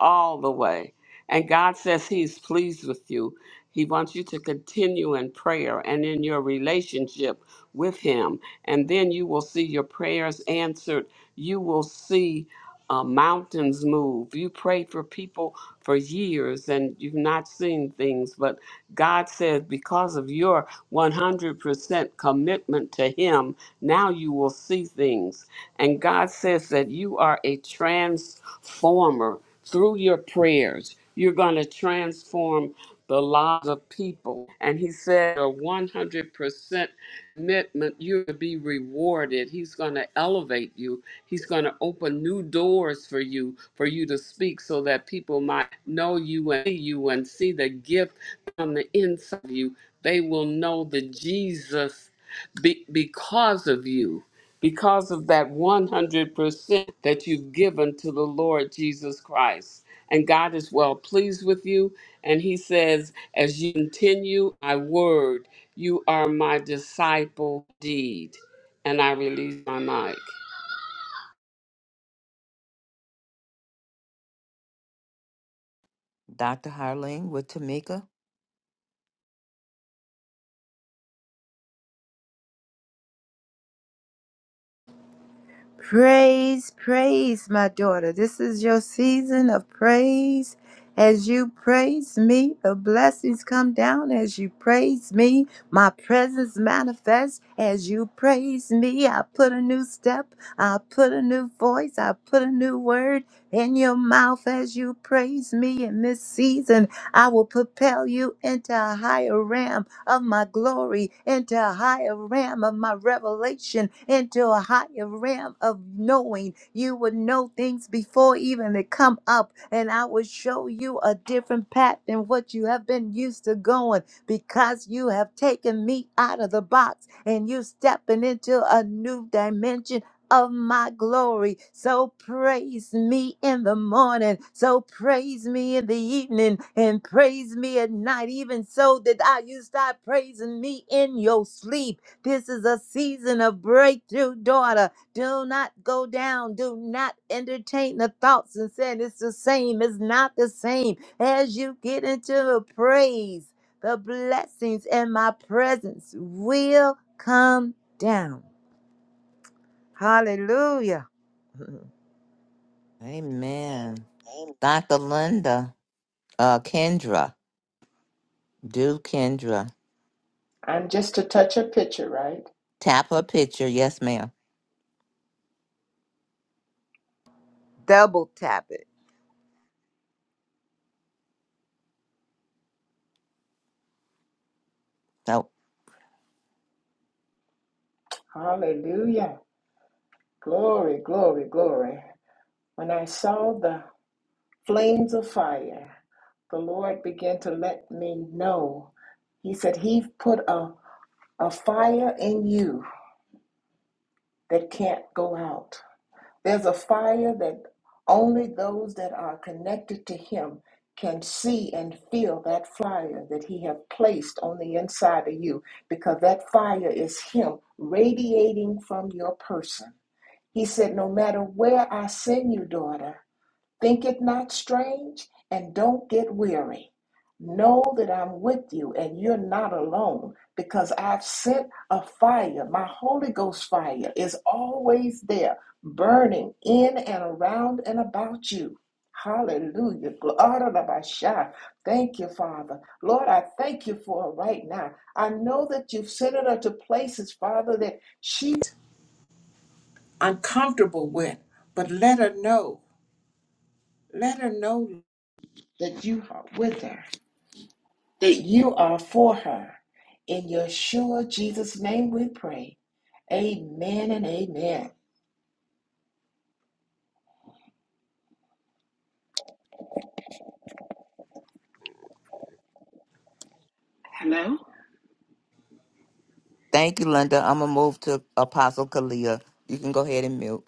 S2: all the way. And God says He's pleased with you. He wants you to continue in prayer and in your relationship with Him. And then you will see your prayers answered. You will see uh, mountains move. You prayed for people for years and you've not seen things, but God says because of your 100% commitment to Him, now you will see things. And God says that you are a transformer through your prayers. You're going to transform the lives of people. And He said, a 100% commitment, you're going to be rewarded. He's going to elevate you. He's going to open new doors for you, for you to speak so that people might know you and see you and see the gift on the inside of you. They will know the Jesus be- because of you because of that 100% that you've given to the Lord Jesus Christ. And God is well pleased with you. And He says, as you continue my word, you are my disciple deed. And I release my mic.
S1: Dr. Harling with Tamika.
S3: Praise, praise, my daughter. This is your season of praise. As you praise me, the blessings come down. As you praise me, my presence manifests. As you praise me, I put a new step, I put a new voice, I put a new word in your mouth. As you praise me in this season, I will propel you into a higher realm of my glory into a higher realm of my revelation, into a higher realm of knowing. You would know things before even they come up, and I would show you a different path than what you have been used to going because you have taken me out of the box and you stepping into a new dimension of my glory. So praise me in the morning. So praise me in the evening and praise me at night. Even so that I you start praising me in your sleep. This is a season of breakthrough, daughter. Do not go down. Do not entertain the thoughts and saying it's the same. It's not the same. As you get into the praise, the blessings and my presence will come down. Hallelujah.
S1: Amen. Dr. Linda, uh, Kendra, do Kendra.
S4: I'm Right.
S1: Tap her picture. Yes, ma'am.
S3: Double tap it.
S1: So
S4: Hallelujah. Glory, glory, glory. When I saw the flames of fire, the Lord began to let me know. He said, He's put a, a fire in you that can't out. There's a fire that only those that are connected to Him can see and feel that fire that He has placed on the inside of you because that fire is Him radiating from your person. He said, No matter where I send you, daughter, Think it not strange and don't get weary. Know that I'm with you and you're not alone because I've sent a fire. My Holy Ghost fire is always there, burning in and around and about you. Hallelujah. Glory to my Thank you, Father. Lord, I thank you for it right now. I know that you've sent her to places, Father, that she's uncomfortable with, but let her know. Let her know, that you are with her, that you are for her. In Yeshua Jesus' name we pray. Amen and amen. Hello?
S1: thank you, Linda. I'm going to move to Apostle Kalia. You can go ahead and mute.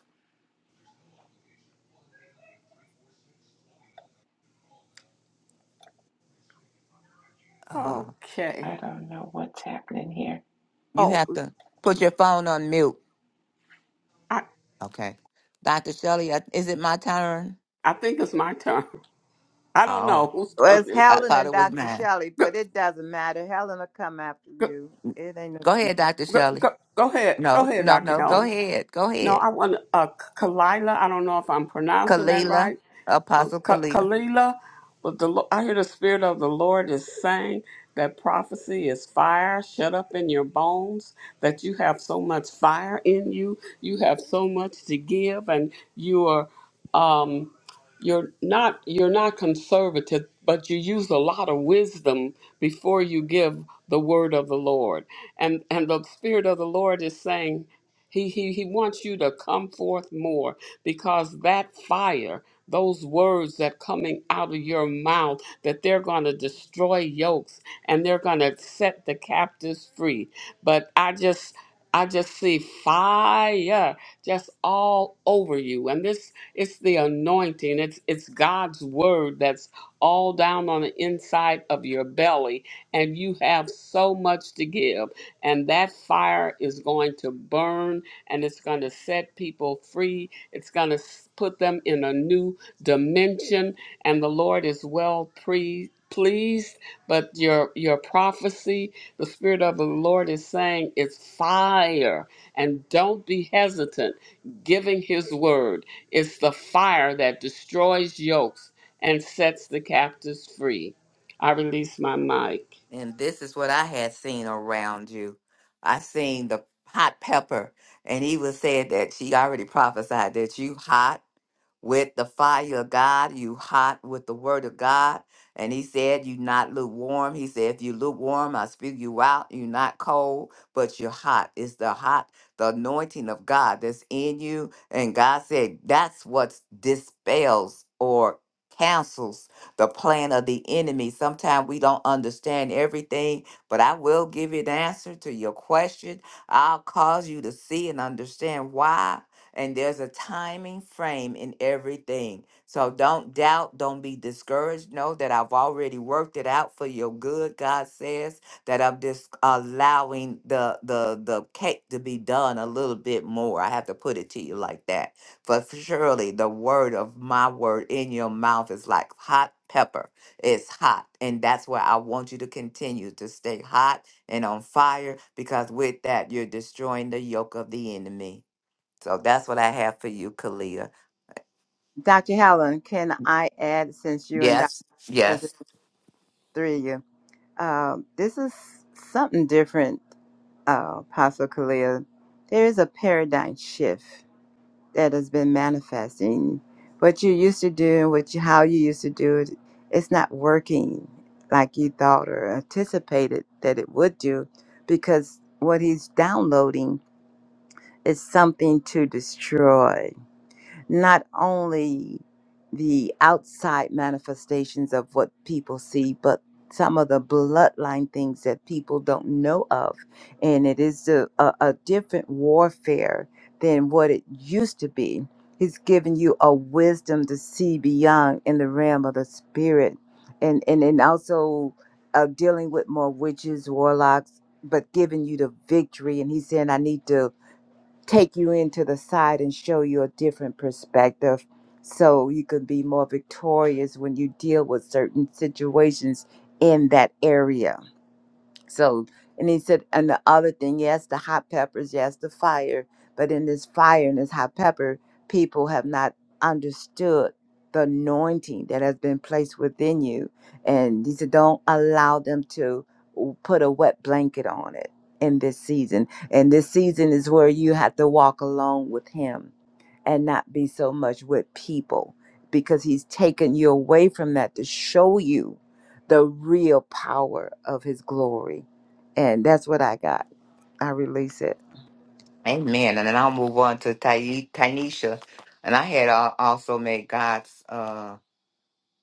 S1: Uh,
S4: I
S2: Okay.
S4: don't know what's happening here.
S1: You
S2: Oh,
S1: have to put your phone on mute.
S2: I,
S1: Okay. Dr. Shelley, I- is it my turn?
S2: I think it's my turn. I don't
S1: Oh,
S2: know whose
S3: Well,
S2: turn
S3: it's
S2: is
S1: I
S3: Helen
S2: it.
S1: thought
S3: and
S1: it was
S3: Dr.
S1: mine.
S3: Shelley,
S2: Go,
S3: but it doesn't matter. Helen will come after
S2: go,
S3: you. It ain't no
S1: Go ahead,
S3: secret.
S1: Dr.
S2: go,
S1: Shelley.
S2: go, go ahead. Go
S1: No,
S2: ahead,
S1: no,
S2: Dr.
S1: no. Go
S2: Helen.
S1: ahead. Go
S2: No,
S1: ahead.
S2: I want uh, Kalila. I don't know if I'm pronouncing that
S1: Kalila,
S2: right um,
S1: Apostle
S2: Ka-
S1: Kalila.
S2: Kalila, but the Lo- I hear the spirit of the Lord is saying that prophecy is fire shut up in your bones. That you have so much fire in you. You have so much to give, and you are. Um, you're not you're not conservative but you use a lot of wisdom before you give the word of the lord and and the spirit of the lord is saying he he, he wants you to come forth more because that fire those words that coming out of your mouth that they're going to destroy yokes and they're going to set the captives free but i just i just see fire just all over you and this it's the anointing. It's it's God's word that's all down on the inside of your belly and you have so much to give and that fire is going to burn and it's going to set people free. It's going to put them in a new dimension and the Lord is well pre- pleased. But your your prophecy, the Spirit of the Lord is saying, it's fire, and don't be hesitant giving His word. It's the fire that destroys yokes and sets the captives free. I release my mic.
S1: And this is what I had seen around you. I seen the hot pepper, and he was said that she already prophesied that you hot with the fire of God, you hot with the word of God. And he said, you not lukewarm. He said, if you lukewarm, I spew you out. you not cold, but you're hot. It's the hot, the anointing of God that's in you. And God said, that's what dispels or cancels the plan of the enemy. Sometimes we don't understand everything, but I will give you the answer to your question. I'll cause you to see and understand why and there's a timing frame in everything. So don't doubt, don't be discouraged. Know that I've already worked it out for your good. God says that I'm just allowing the the the cake to be done a little bit more. I have to put it to you like that. But surely the word of my word in your mouth is like hot pepper. It's hot, and that's where I want you to continue to stay hot and on fire because with that you're destroying the yoke of the enemy. So that's what I have for you, Kalia.
S3: Dr. Helen, can I add, since you and Dr.
S1: Yes,
S3: because
S1: yes.
S3: it's three of you, um, this is something different, uh, Apostle Kalia. There is a paradigm shift. that has been manifesting. What you used to do and what you, how you used to do it, it's not working like you thought or anticipated that it would do, because what he's downloading is something to destroy not only the outside manifestations of what people see, but some of the bloodline things that people don't know of. And it is a, a, a different warfare than what it used to be. He's given you a wisdom to see beyond in the realm of the spirit and, and, and also uh, dealing with more witches, warlocks, but giving you the victory. And he's saying, I need to take you into the side and show you a different perspective so you can be more victorious when you deal with certain situations in that area. So, and he said, and the other thing, yes, the hot peppers, yes, the fire, but in this fire and this hot pepper, people have not understood the anointing that has been placed within you. And he said, don't allow them to w- put a wet blanket on it in this season. And this season is where you have to walk alone with him and not be so much with people because he's taken you away from that to show you the real power of his glory. And that's what I got. I release it.
S1: Amen. And then I'll move on to Ty- Tanisha. And I had al- also made God's uh,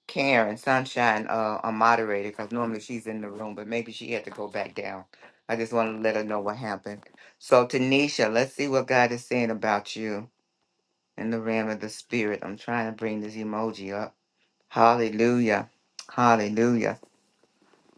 S1: Karen Sunshine uh, a moderator because normally she's in the room, but maybe she had to go back down. I just want to let her know what happened. So, Tanisha, let's see what God is saying about you in the realm of the spirit. I'm trying to bring this emoji up. Hallelujah. Hallelujah.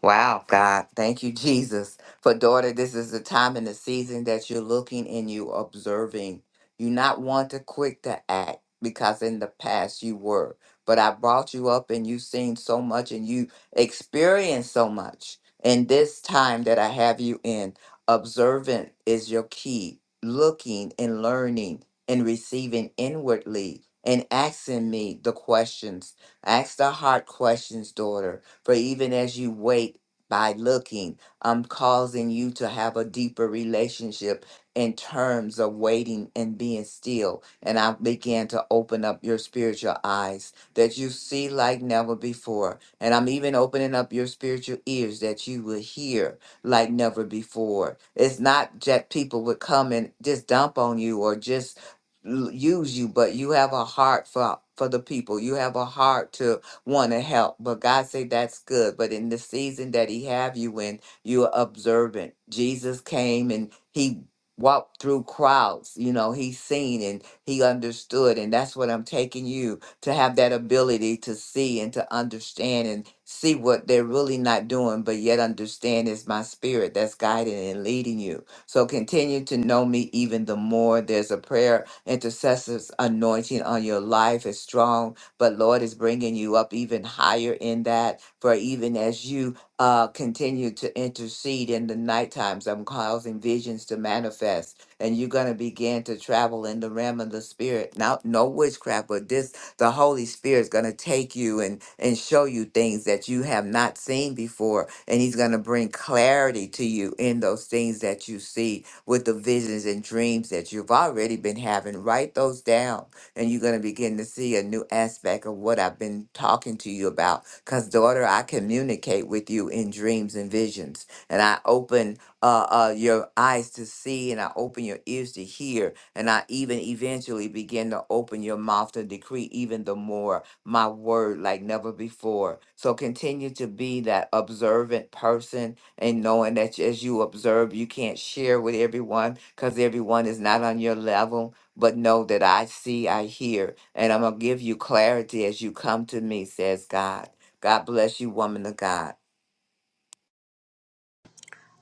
S1: Wow, God. Thank you, Jesus. For daughter, this is the time and the season that you're looking and you observing. You not want to quick to act because in the past you were. But I brought you up and you've seen so much and you experienced so much. And this time that I have you in, observant is your key. Looking and learning and receiving inwardly and asking me the questions. Ask the hard questions, daughter for even as you wait by looking, I'm causing you to have a deeper relationship in terms of waiting and being still. And I began to open up your spiritual eyes that you see like never before. And I'm even opening up your spiritual ears that you will hear like never before. It's not that people would come and just dump on you or just l- use you, but you have a heart for for the people. You have a heart to want to help. But God say that's good. But in the season that He have you in, you are observant. Jesus came and He walked through crowds. You know, He seen and He understood, and that's what I'm taking you to have that ability to see and to understand and see what they're really not doing, but yet understand is my spirit that's guiding and leading you. So continue to know me even the more. There's a prayer intercessors anointing on your life is strong but Lord is bringing you up even higher in that. For even as you uh, continue to intercede in the night times, I'm causing visions to manifest, and you're going to begin to travel in the realm of the spirit. Not no witchcraft, but this the Holy Spirit is going to take you and and show you things that you have not seen before, and He's going to bring clarity to you in those things that you see with the visions and dreams that you've already been having. Write those down and you're going to begin to see a new aspect of what I've been talking to you about. Because, daughter, I communicate with you in dreams and visions, and I open uh, uh, your eyes to see, and I open your ears to hear, and I even eventually begin to open your mouth to decree even the more my word like never before. So, continue to be that observant person and knowing that as you observe, you can't share with everyone because everyone is not on your level but know that I see, I hear, and I'm going to give you clarity as you come to me, says God. God bless you, woman of God.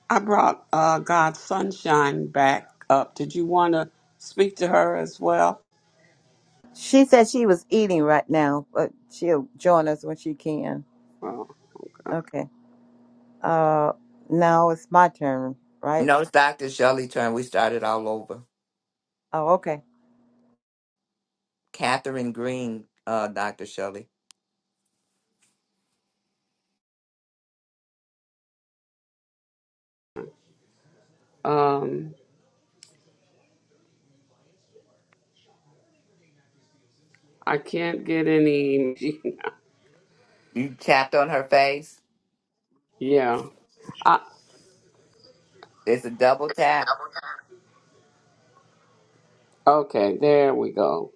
S2: I brought uh, God's sunshine back up. Did you want to speak to her as well?
S3: She said she was eating right now, but she'll join us when she can. Okay. Uh now it's my turn, right?
S1: No, it's Dr. Shelley turn. We started all over.
S3: Oh, okay.
S1: Catherine Green, uh, Dr. Shelley.
S2: I can't get any.
S1: You tapped on her face.
S2: yeah.
S1: It's a double tap.
S2: Okay, there we go.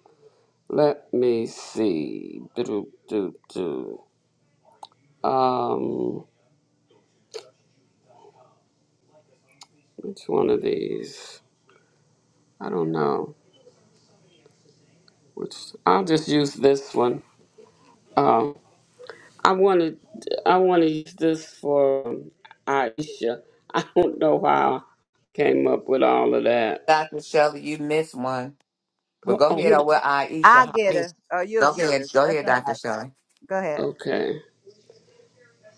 S2: Let me see. Do, do, do. Um, which one of these? I don't know. Which I'll just use this one. Um, I wanted I want to use this for um, Aisha. I don't know how I came up with all of that.
S1: Dr. Shelley, you missed one. But
S2: Oh,
S1: go
S2: oh
S1: ahead
S2: who d-
S1: over
S3: I'll
S1: Aisha.
S3: get
S1: Harley.
S3: her. Or you'll
S1: Go
S3: get
S1: ahead.
S3: her.
S1: Go
S3: That's
S1: ahead,
S3: all
S1: Dr.
S3: right.
S1: Shelley.
S3: Go ahead.
S2: okay.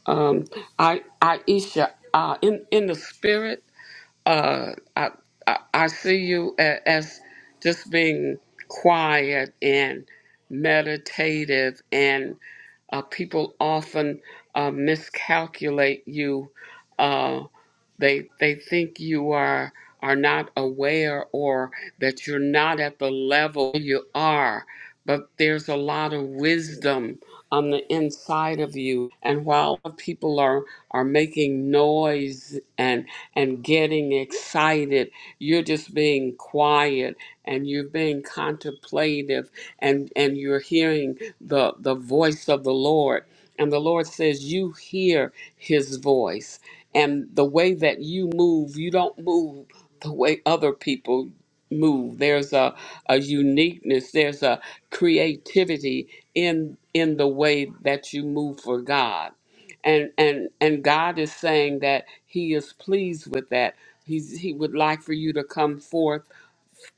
S2: Um, I Aisha. Uh, in in the spirit. uh, I, I I see you a- as just being quiet and meditative and uh, people often uh, miscalculate you. Uh, they they think you are are not aware or that you're not at the level you are. But there's a lot of wisdom on the inside of you. And while people are are making noise and and getting excited, you're just being quiet and you're being contemplative and and you're hearing the the voice of the Lord and the Lord says you hear his voice and the way that you move you don't move the way other people move there's a, a uniqueness there's a creativity in in the way that you move for God and and and God is saying that he is pleased with that he's he would like for you to come forth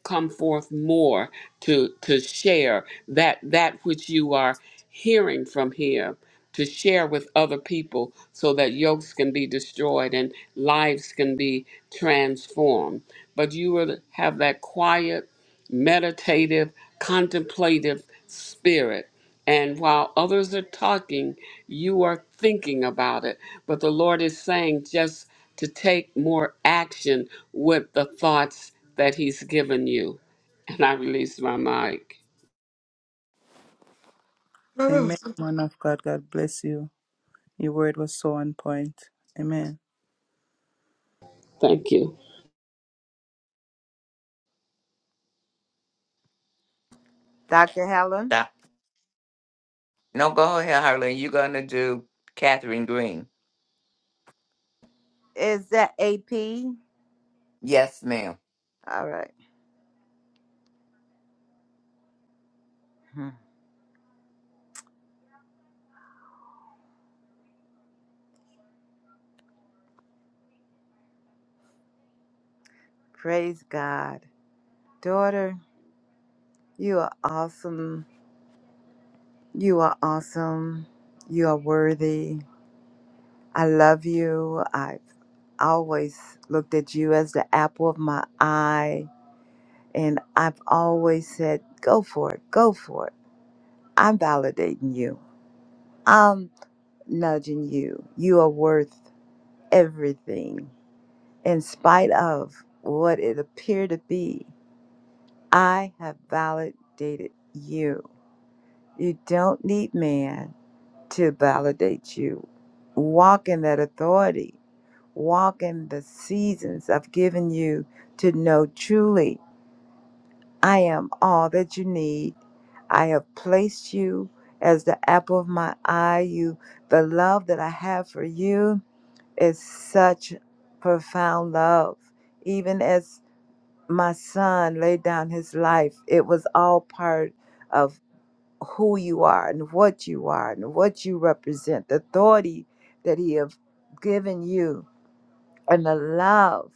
S2: come forth more to to share that that which you are hearing from here to share with other people so that yokes can be destroyed and lives can be transformed but you will have that quiet meditative contemplative spirit and while others are talking, you are thinking about it. But the Lord is saying just to take more action with the thoughts that He's given you. And I release my mic.
S6: Amen, man of God. God bless you. Your word was so on point. Amen.
S2: Thank you.
S3: Dr. Helen.
S1: Stop. No, go ahead, Harlan. You're going to do Catherine Green.
S3: Is that AP?
S1: Yes, ma'am.
S3: All right. Hmm. Praise God. Daughter, you are awesome. You are awesome. You are worthy. I love you. I've always looked at you as the apple of my eye. And I've always said, go for it, go for it. I'm validating you, I'm nudging you. You are worth everything. In spite of what it appeared to be, I have validated you. You don't need man to validate you. Walk in that authority walk in the seasons I've given you to know truly I am all that you need. I have placed you as the apple of my eye. You, the love that I have for you is such profound love. Even as my son laid down his life, it was all part of who you are and what you are and what you represent, the authority that he have given you and the love.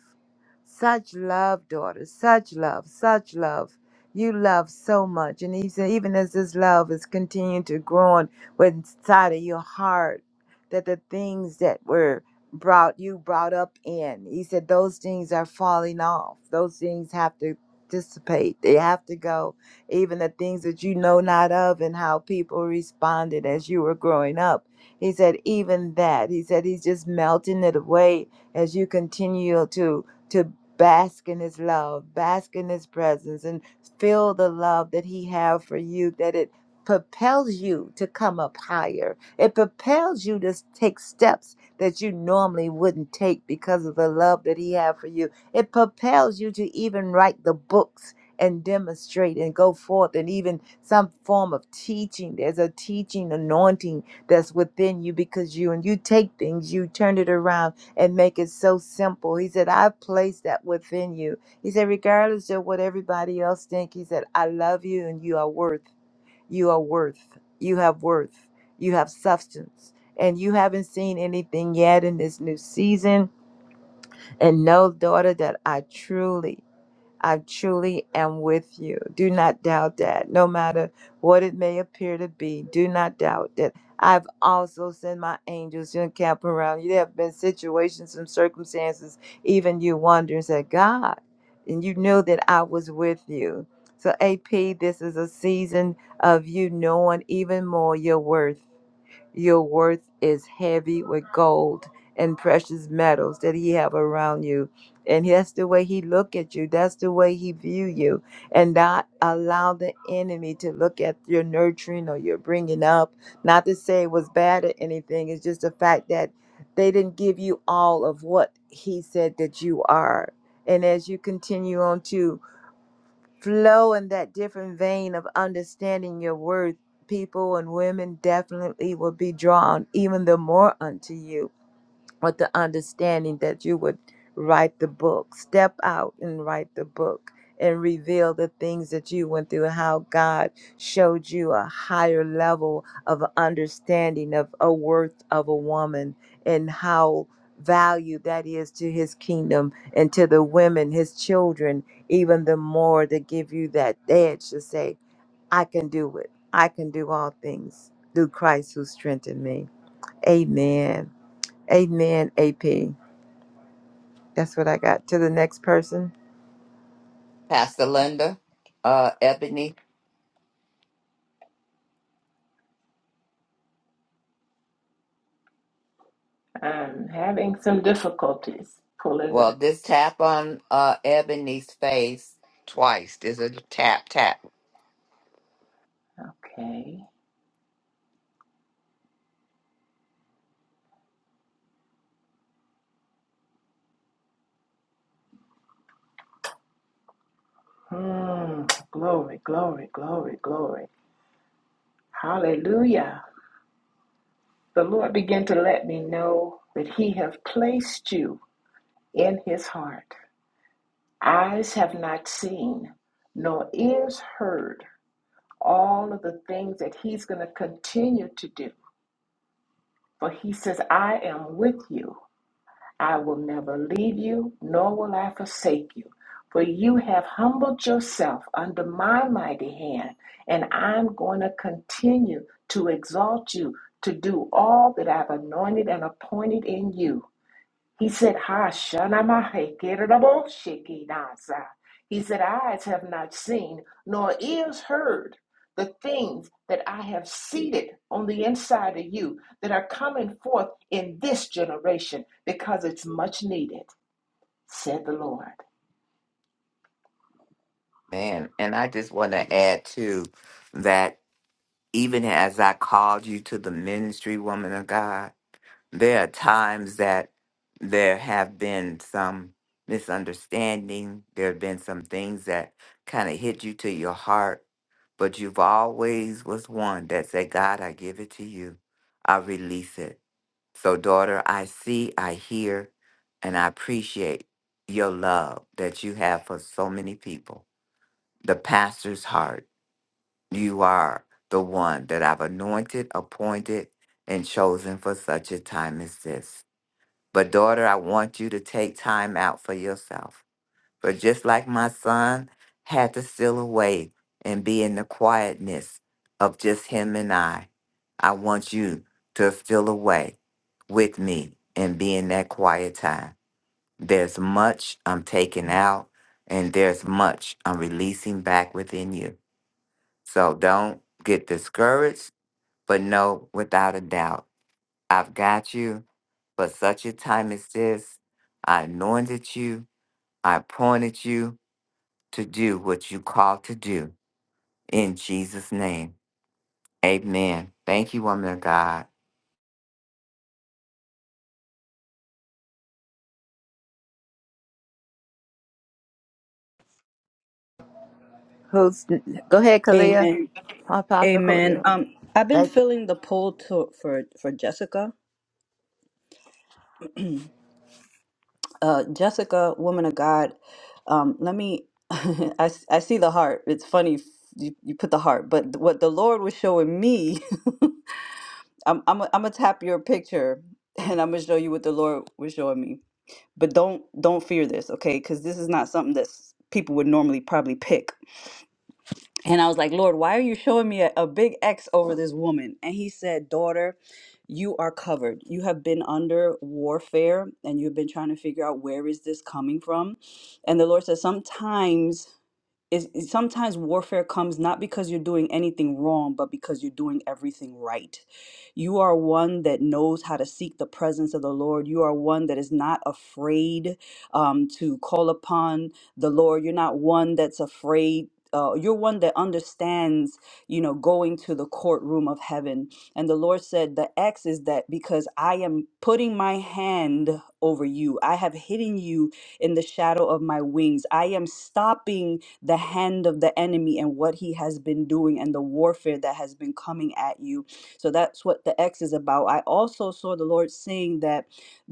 S3: Such love, daughter, such love, such love. You love so much. And he said, even as this love is continuing to grow on inside of your heart, that the things that were brought you brought up in, he said, those things are falling off. Those things have to dissipate. They have to go. Even the things that you know not of and how people responded as you were growing up. He said, even that. He said, he's just melting it away as you continue to to bask in his love, bask in his presence and feel the love that he have for you that it propels you to come up higher. It propels you to s- take steps that you normally wouldn't take because of the love that he have for you. It propels you to even write the books and demonstrate and go forth and even some form of teaching. There's a teaching anointing that's within you because you and you take things, you turn it around and make it so simple. He said, I've placed that within you. He said, regardless of what everybody else think, he said, I love you and you are worth. You are worth. You have worth. You have substance. And you haven't seen anything yet in this new season. And know, daughter, that I truly I truly am with you. Do not doubt that. No matter what it may appear to be, do not doubt that. I've also sent my angels to encamp around you. There have been situations and circumstances, even you wondering, said, God, and you know that I was with you. So, AP, this is a season of you knowing even more your worth your worth is heavy with gold and precious metals that he have around you. And that's the way he look at you. That's the way he view you. And not allow the enemy to look at your nurturing or your bringing up. Not to say it was bad or anything. It's just the fact that they didn't give you all of what he said that you are. And as you continue on to flow in that different vein of understanding your worth, people and women definitely will be drawn even the more unto you with the understanding that you would write the book, step out and write the book and reveal the things that you went through, how God showed you a higher level of understanding of a worth of a woman and how value that is to his kingdom and to the women, his children, even the more to give you that edge to say, I can do it. I can do all things through Christ who strengthened me. Amen. Amen, AP. That's what I got. To the next person.
S1: Pastor Linda, uh, Ebony.
S4: I'm having some difficulties pulling
S1: Well,
S4: it.
S1: this tap on uh Ebony's face twice. There's a tap tap,
S4: Okay. Hmm. Glory, glory, glory, glory. Hallelujah. The Lord began to let me know that He have placed you in His heart. Eyes have not seen, nor ears heard all of the things that he's going to continue to do. For he says, I am with you. I will never leave you, nor will I forsake you. For you have humbled yourself under my mighty hand, and I'm going to continue to exalt you to do all that I've anointed and appointed in you. He said, Ha shanamai kerabo shekinasa. He said, Eyes have not seen, nor ears heard the things that I have seated on the inside of you that are coming forth in this generation because it's much needed, said the Lord.
S1: man. And I just want to add too that even as I called you to the ministry, woman of God, there are times that there have been some misunderstanding. There have been some things that kind of hit you to your heart, but you've always was one that said, "God, I give it to you. I release it." So, daughter, I see, I hear, and I appreciate your love that you have for so many people. The pastor's heart, you are the one that I've anointed, appointed, and chosen for such a time as this. But, daughter, I want you to take time out for yourself. But just like my son had to steal away and be in the quietness of just him and I, I want you to steal away with me and be in that quiet time. There's much I'm taking out and there's much I'm releasing back within you. So don't get discouraged, but know without a doubt, I've got you for such a time as this. I anointed you, I appointed you, to do what you called to do in Jesus' name. Amen. Thank you, woman of God.
S3: Who's go ahead, Kalia.
S7: Amen.
S3: Apostle
S7: Amen.
S3: Kalia.
S7: Um, I've been
S3: That
S7: feeling the pull to for for Jessica. Uh, Jessica, woman of God. Um, let me. I, s- I see the heart. It's funny f- you, you put the heart, but what the Lord was showing me, I'm I'm i I'm gonna tap your picture and I'm gonna show you what the Lord was showing me. But don't don't fear this, okay? Because this is not something that people would normally probably pick. And I was like, Lord, why are you showing me a, a big X over this woman? And he said, Daughter, you are covered. You have been under warfare and you've been trying to figure out where is this coming from. And the Lord said, Sometimes is is sometimes warfare comes not because you're doing anything wrong, but because you're doing everything right. You are one that knows how to seek the presence of the Lord. You are one that is not afraid um, to call upon the Lord. You're not one that's afraid. Uh, you're one that understands, you know, going to the courtroom of heaven. And the Lord said, The X is that because I am putting my hand over you, I have hidden you in the shadow of my wings. I am stopping the hand of the enemy and what he has been doing and the warfare that has been coming at you. So that's what the X is about. I also saw the Lord saying that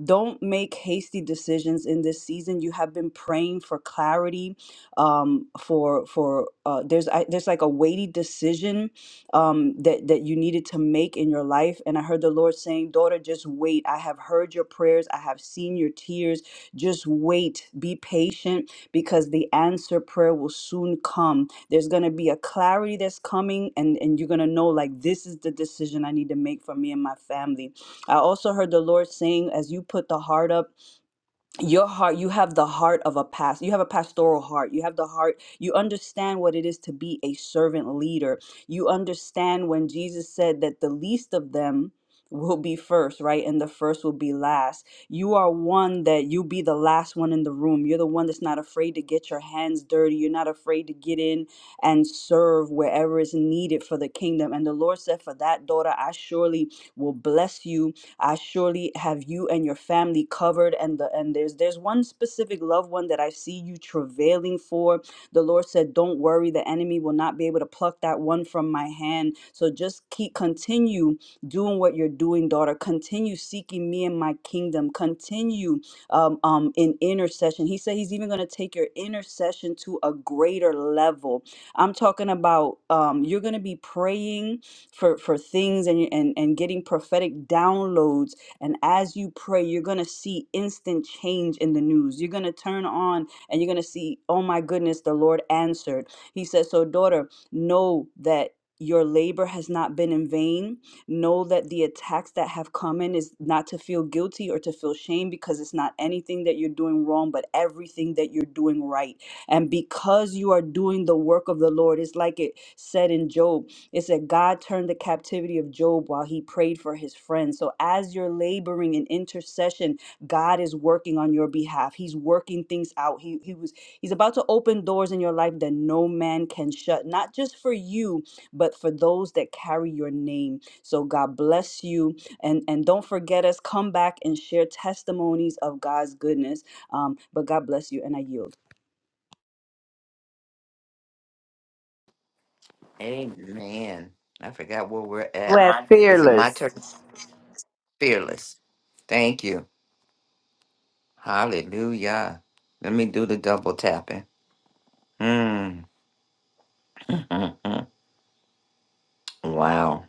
S7: don't make hasty decisions in this season. You have been praying for clarity, um, for for uh, there's I, there's like a weighty decision um, that that you needed to make in your life, and I heard the Lord saying, "Daughter, just wait. I have heard your prayers. I have seen your tears. Just wait. Be patient." because the answer prayer will soon come. There's going to be a clarity that's coming, and, and you're going to know, like, this is the decision I need to make for me and my family. I also heard the Lord saying, as you put the heart up, your heart you have the heart of a past you have a pastoral heart you have the heart you understand what it is to be a servant leader you understand when jesus said that the least of them will be first right and the first will be last you are one that you be the last one in the room you're the one that's not afraid to get your hands dirty you're not afraid to get in and serve wherever is needed for the kingdom and the lord said for that daughter i surely will bless you I surely have you and your family covered. And the and there's there's one specific loved one that I see you travailing for. The Lord said, Don't worry, the enemy will not be able to pluck that one from my hand. So just keep continue doing what you're doing, daughter. Continue seeking me and my kingdom. Continue um, um, in intercession. He said he's even going to take your intercession to a greater level. I'm talking about um, you're going to be praying for for things and and and getting prophetic downloads and as you pray you're going to see instant change in the news you're going to turn on and you're going to see oh my goodness the lord answered he says so daughter know that your labor has not been in vain know that the attacks that have come in is not to feel guilty or to feel shame because it's not anything that you're doing wrong but everything that you're doing right and because you are doing the work of the lord it's like it said in job it said, God turned the captivity of Job while he prayed for his friends. So as you're laboring in intercession, God is working on your behalf. He's working things out. He, he was He's about to open doors in your life that no man can shut, not just for you, but for those that carry your name. So God bless you. And, and don't forget us, come back and share testimonies of God's goodness. Um, but God bless you, and I yield.
S1: Amen. I forgot where we're at.
S3: we're
S1: Is it my
S3: fearless.
S1: turn? Fearless. Thank you. Hallelujah. Let me do the double tapping. Mm. wow.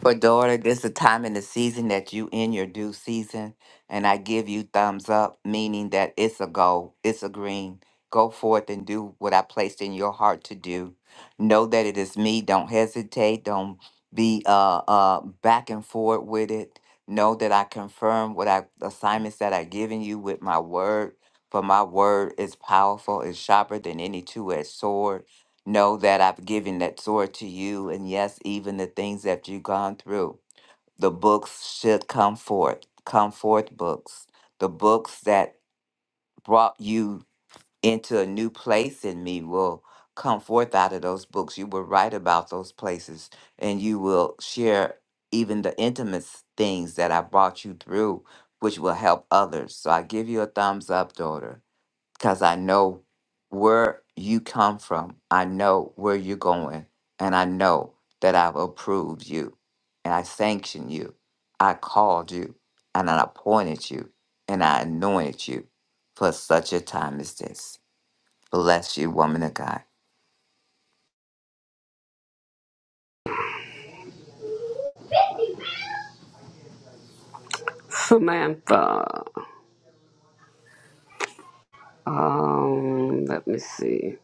S1: For daughter, this is the time in the season that you in your due season, and I give you thumbs up, meaning that it's a go, it's a green. Go forth and do what I placed in your heart to do. Know that it is me. Don't hesitate. Don't be uh uh back and forth with it. Know that I confirm what I assignments that I've given you with my word. For my word is powerful, is sharper than any two-edged sword Know that I've given that sword to you, and yes, even the things that you've gone through. The books should come forth, come forth books. The books that brought you into a new place in me will come forth out of those books. You will write about those places, and you will share even the intimate things that I brought you through, which will help others. So I give you a thumbs up, daughter because I know where you come from. I know where you're going. And I know that I've approved you and I sanctioned you. I called you and I appointed you and I anointed you for such a time as this. Bless you, woman of God.
S2: Samantha, um, let me see.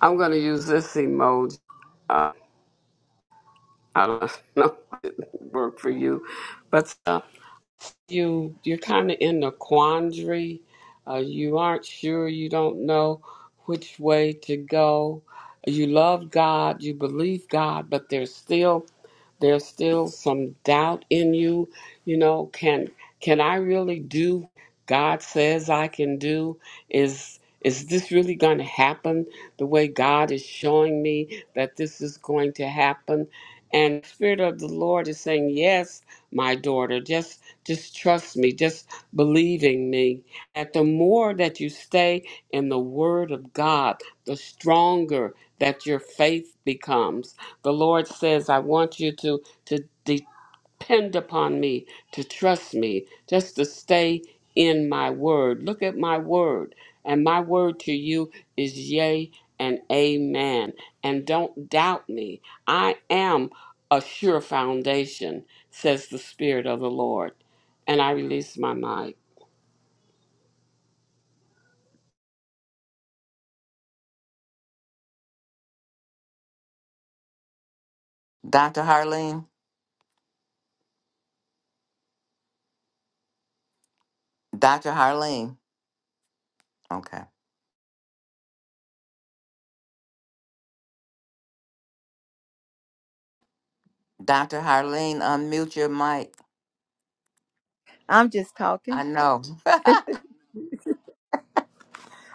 S2: I'm going to use this emoji. Uh, I don't know if it worked for you, but uh, you you're kind of in a quandary. Uh, you aren't sure. You don't know which way to go. You love God. You believe God, but there's still there's still some doubt in you. You know, can can I really do what God says I can do? Is is this really going to happen the way God is showing me that this is going to happen? And the Spirit of the Lord is saying, Yes, my daughter, just just trust me, just believing me. That the more that you stay in the Word of God, the stronger that your faith becomes the Lord says, I want you to, to depend upon me, to trust me, just to stay in my word. Look at my word. And my word to you is yea and amen. And don't doubt me. I am a sure foundation, says the Spirit of the Lord. And I release my mic.
S1: Dr. Harleen, Dr. Harleen. Okay. Dr. Harleen, unmute your mic.
S3: I'm just talking.
S1: I know.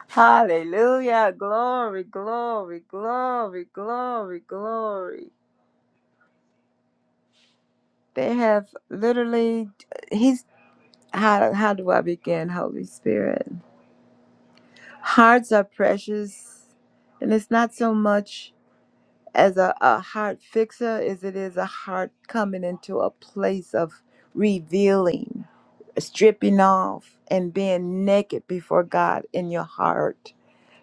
S3: Hallelujah. Glory, glory, glory, glory, glory. They have literally he's how how do I begin, Holy Spirit? Hearts are precious. And it's not so much as a, a heart fixer as it is a heart coming into a place of revealing, stripping off, and being naked before God in your heart.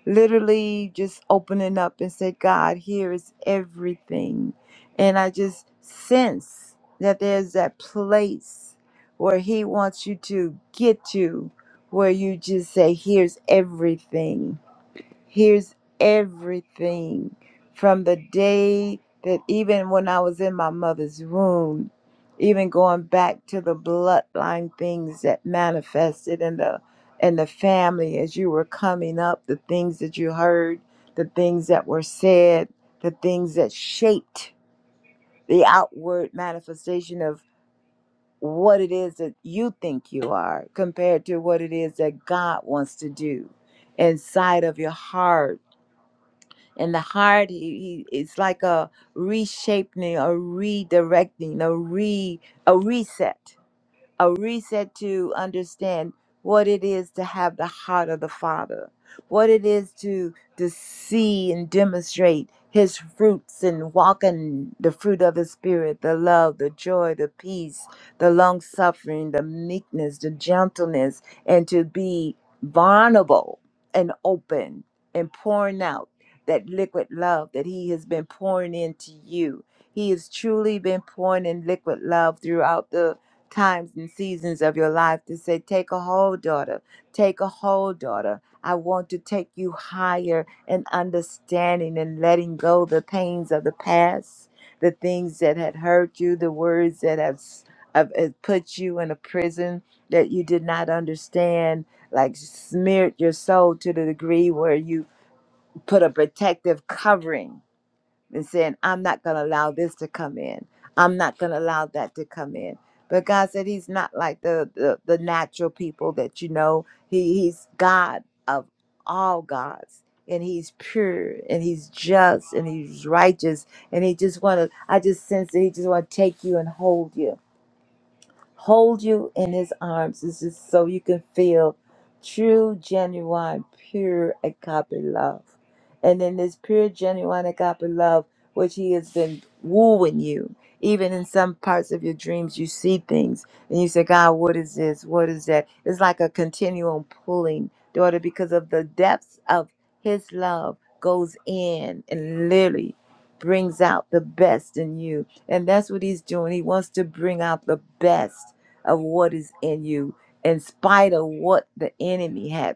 S3: Literally just opening up and say, God, here is everything. And I just sense that there's that place where He wants you to get to, where you just say, Here's everything hears everything from the day that even when I was in my mother's womb, even going back to the bloodline things that manifested in the in the family as you were coming up, the things that you heard, the things that were said, the things that shaped the outward manifestation of what it is that you think you are compared to what it is that God wants to do inside of your heart and the heart he, he, it's like a reshaping a redirecting a re a reset a reset to understand what it is to have the heart of the Father, what it is to to see and demonstrate His fruits and walk in the fruit of the Spirit, the love, the joy, the peace, the long suffering, the meekness, the gentleness, and to be vulnerable and open and pouring out that liquid love that He has been pouring into you. He has truly been pouring in liquid love throughout the times and seasons of your life to say, Take a hold, daughter. Take a hold, daughter. I want to take you higher in understanding and letting go the pains of the past, the things that had hurt you, the words that have, s- have have put you in a prison that you did not understand, like smeared your soul to the degree where you put a protective covering and saying, I'm not going to allow this to come in. I'm not going to allow that to come in. But God said He's not like the, the, the natural people that you know. He, he's God of all gods. And he's pure and he's just and he's righteous and he just wanna I just sense that he just wanna take you and hold you hold you in his arms. This is so you can feel true, genuine, pure agape love. And in this pure, genuine agape love, which he has been wooing you, even in some parts of your dreams, you see things and you say, God, what is this? What is that? It's like a continuum pulling, daughter, because of the depths of his love goes in and literally brings out the best in you. And that's what he's doing. He wants to bring out the best of what is in you, in spite of what the enemy had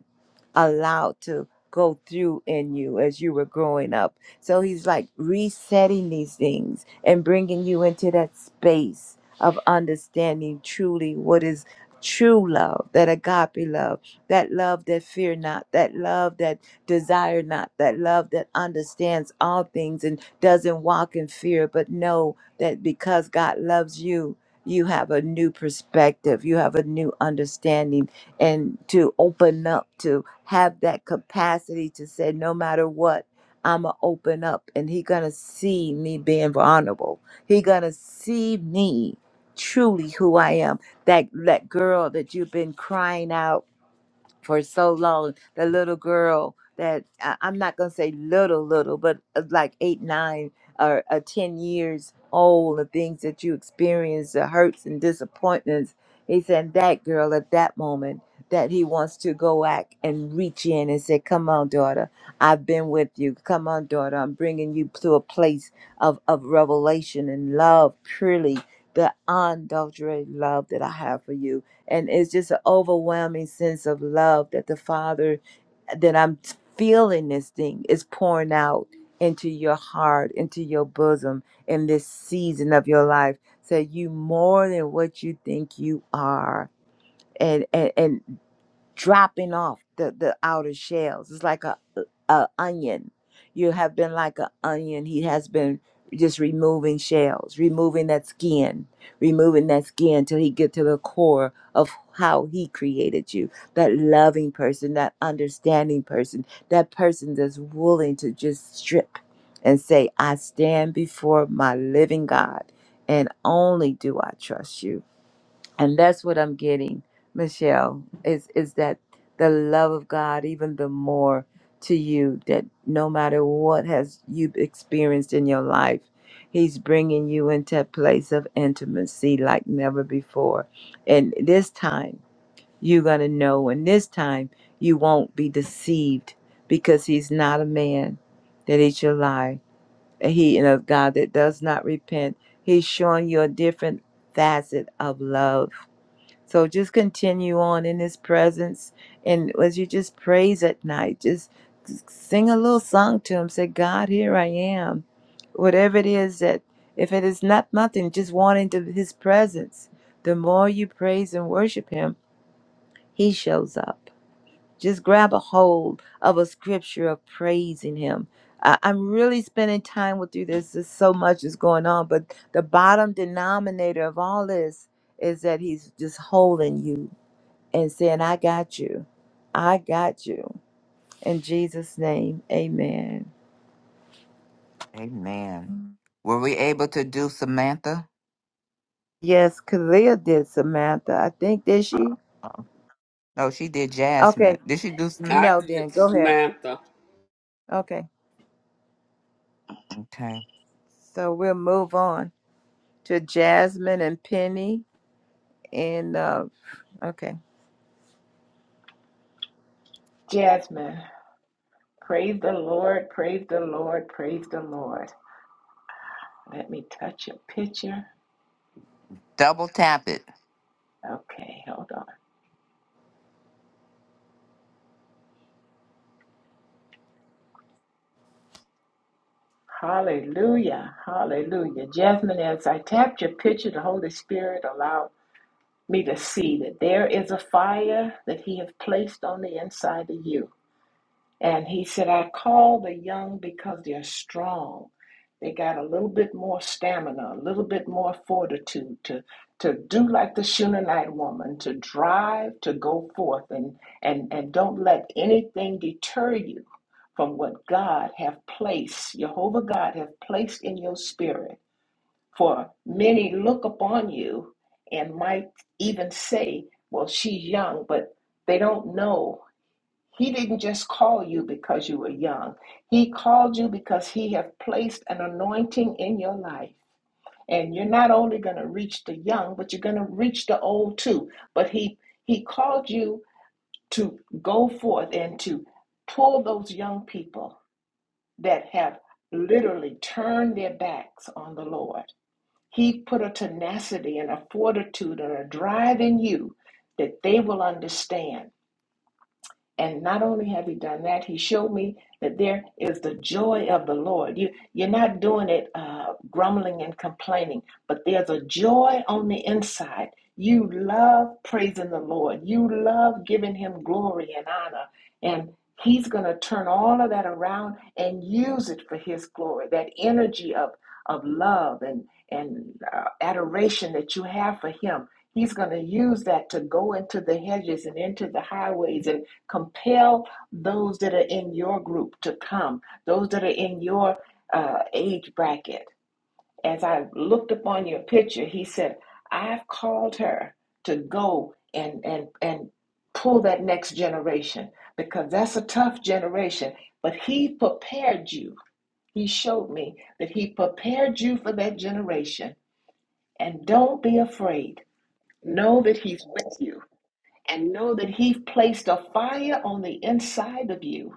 S3: allowed to go through in you as you were growing up. So he's like resetting these things and bringing you into that space of understanding truly what is true love, that agape love, that love that fear not, that love that Desire not that love that understands all things and doesn't walk in fear, but know that because God loves you, you have a new perspective, you have a new understanding, and to open up, to have that capacity to say, no matter what, I'ma open up and he gonna see me being vulnerable. He gonna see me truly who I am. That that girl that you've been crying out for so long. The little girl that I- I'm not gonna say little, little, but uh, like eight, nine, or uh, ten years old. The things that you experience, the hurts and disappointments. He said that girl at that moment that he wants to go back and reach in and say, "Come on, daughter, I've been with you. Come on, daughter, I'm bringing you to a place of of revelation and love, purely the unadulterated love that I have for you." and it's just an overwhelming sense of love that the father that i'm feeling this thing is pouring out into your heart into your bosom in this season of your life so you more than what you think you are and and, and dropping off the the outer shells. It's like a, a onion. You have been like an onion. He has been just removing shells, removing that skin, removing that skin till he get to the core of how he created you. That loving person, that understanding person, that person that's willing to just strip and say, "I stand before my living God, and only do I trust you." And that's what I'm getting, Michelle, is is that the love of God even the more to you that no matter what has you experienced in your life, he's bringing you into a place of intimacy like never before. And this time you're going to know and this time you won't be deceived because he's not a man that he should lie. He and a God that does not repent. He's showing you a different facet of love so just continue on in His presence. And as you just praise at night, just sing a little song to Him. Say, God, here I am. Whatever it is that, if it is not nothing, just want into His presence. The more you praise and worship Him, He shows up. Just grab a hold of a scripture of praising Him. I- I'm really spending time with you. There's just so much is going on, but the bottom denominator of all this is that He's just holding you and saying, I got you. I got you. In Jesus' name, amen.
S1: Amen. Were we able to do Samantha?
S3: Yes, Kalia did, Samantha. I think, did she?
S1: Oh, No, she did Jasmine.
S3: Okay.
S1: Did she do some?
S2: I
S3: No, then
S2: did,
S3: go ahead.
S2: Samantha.
S3: Okay.
S1: Okay.
S3: So we'll move on to Jasmine and Penny. And, uh, okay.
S4: Jasmine, praise the Lord, praise the Lord, praise the Lord. Let me touch your picture.
S1: Double tap it.
S4: Okay, hold on. Hallelujah. Hallelujah. Jasmine, as I tapped your picture, the Holy Spirit allowed me to see that there is a fire that He has placed on the inside of you. And He said, I call the young because they're strong. They got a little bit more stamina, a little bit more fortitude to to do like the Shunammite woman, to drive, to go forth, and and and don't let anything deter you from what God have placed, Jehovah God have placed in your spirit. For many look upon you and might even say, "Well, she's young," but they don't know he didn't just call you because you were young. He called you because he has placed an anointing in your life. And you're not only going to reach the young, but you're going to reach the old too. But he he called you to go forth and to pull those young people that have literally turned their backs on the Lord. He put a tenacity and a fortitude and a drive in you that they will understand and not only have he done that, he showed me that there is the joy of the Lord. You, you're not doing it uh, grumbling and complaining, but there's a joy on the inside. You love praising the Lord, you love giving him glory and honor. And he's going to turn all of that around and use it for his glory that energy of, of love and, and uh, adoration that you have for him. He's going to use that to go into the hedges and into the highways and compel those that are in your group to come, those that are in your uh, age bracket. As I looked upon your picture, he said, I've called her to go and, and, and pull that next generation because that's a tough generation. But he prepared you. He showed me that he prepared you for that generation. And don't be afraid. Know that he's with you and know that He placed a fire on the inside of you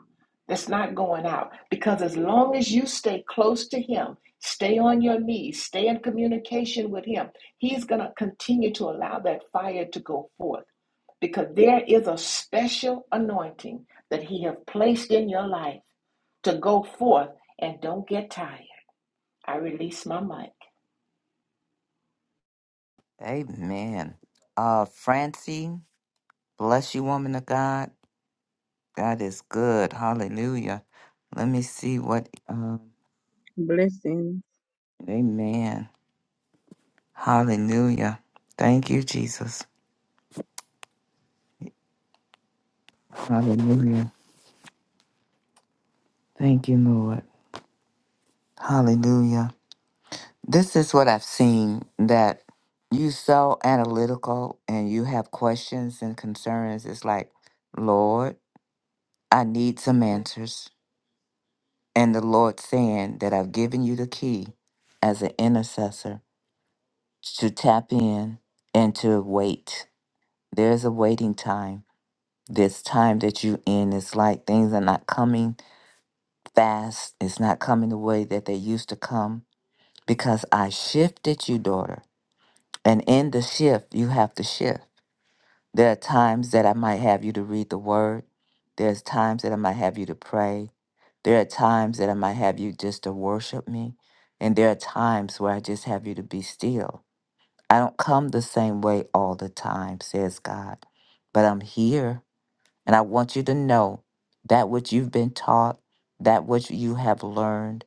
S4: that's not going out. Because as long as you stay close to Him, stay on your knees, stay in communication with Him, He's going to continue to allow that fire to go forth. Because there is a special anointing that He has placed in your life to go forth and don't get tired. I release my mic.
S1: Amen. Uh Francie, bless you, woman of God. God is good. Hallelujah. Let me see what um
S8: Blessings.
S1: Amen. Hallelujah. Thank you, Jesus. Hallelujah. Thank you, Lord. Hallelujah. This is what I've seen that you so analytical and you have questions and concerns. It's like, Lord, I need some answers. and the Lord saying that I've given you the key as an intercessor to tap in and to wait. There's a waiting time. This time that you in is like things are not coming fast. It's not coming the way that they used to come because I shifted you, daughter. And in the shift, you have to shift. There are times that I might have you to read the word. There's times that I might have you to pray. There are times that I might have you just to worship me. And there are times where I just have you to be still. I don't come the same way all the time, says God. But I'm here. And I want you to know that which you've been taught, that which you have learned,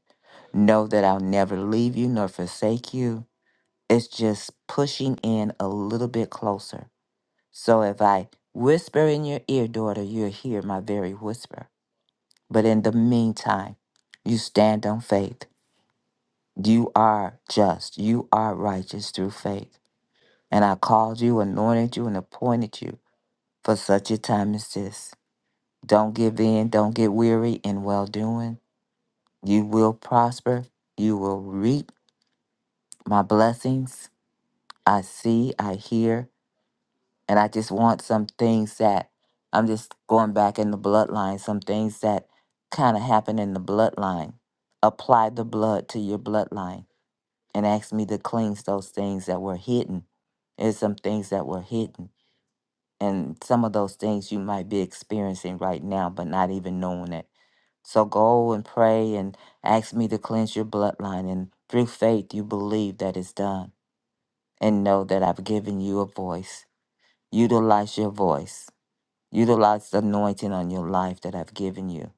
S1: know that I'll never leave you nor forsake you. It's just pushing in a little bit closer so if I whisper in your ear, daughter, you'll hear my very whisper. But in the meantime, you stand on faith. You are just. You are righteous through faith. And I called you, anointed you, and appointed you for such a time as this. Don't give in. Don't get weary in well doing. You will prosper. You will reap my blessings. I see, I hear, And I just want some things that I'm just going back in the bloodline, some things that kind of happen in the bloodline. Apply the blood to your bloodline and ask me to cleanse those things that were hidden. There's some things that were hidden. And some of those things you might be experiencing right now, but not even knowing it. So go and pray and ask me to cleanse your bloodline. And through faith, you believe that it's done. And know that I've given you a voice. Utilize your voice Utilize the anointing on your life that I've given you.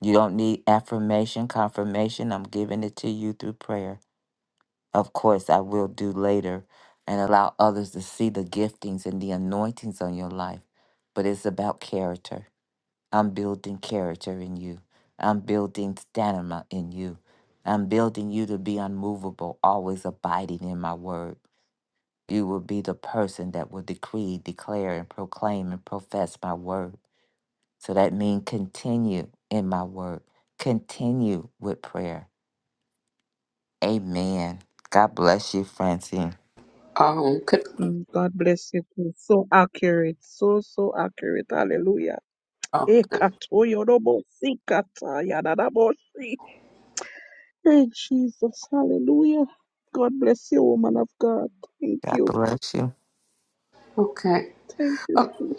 S1: You don't need affirmation, confirmation. I'm giving it to you through prayer. Of course, I will do later and allow others to see the giftings and the anointings on your life. But it's about character. I'm building character in you. I'm building stamina in you. I'm building you to be unmovable, always abiding in my word. You will be the person that will decree, declare, and proclaim and profess my word so that means continue in my word, continue with prayer. Amen. God bless you, Francine.
S2: Oh, good.
S8: Mm, God bless you too. So accurate. So, so accurate. Hallelujah.
S2: okay.
S8: Ekato yorobo sikata yadadabo si. Hey, Jesus. Hallelujah. God bless you, woman of God. Thank
S1: God
S8: you.
S1: bless you.
S2: Okay.
S8: Thank you, Jesus.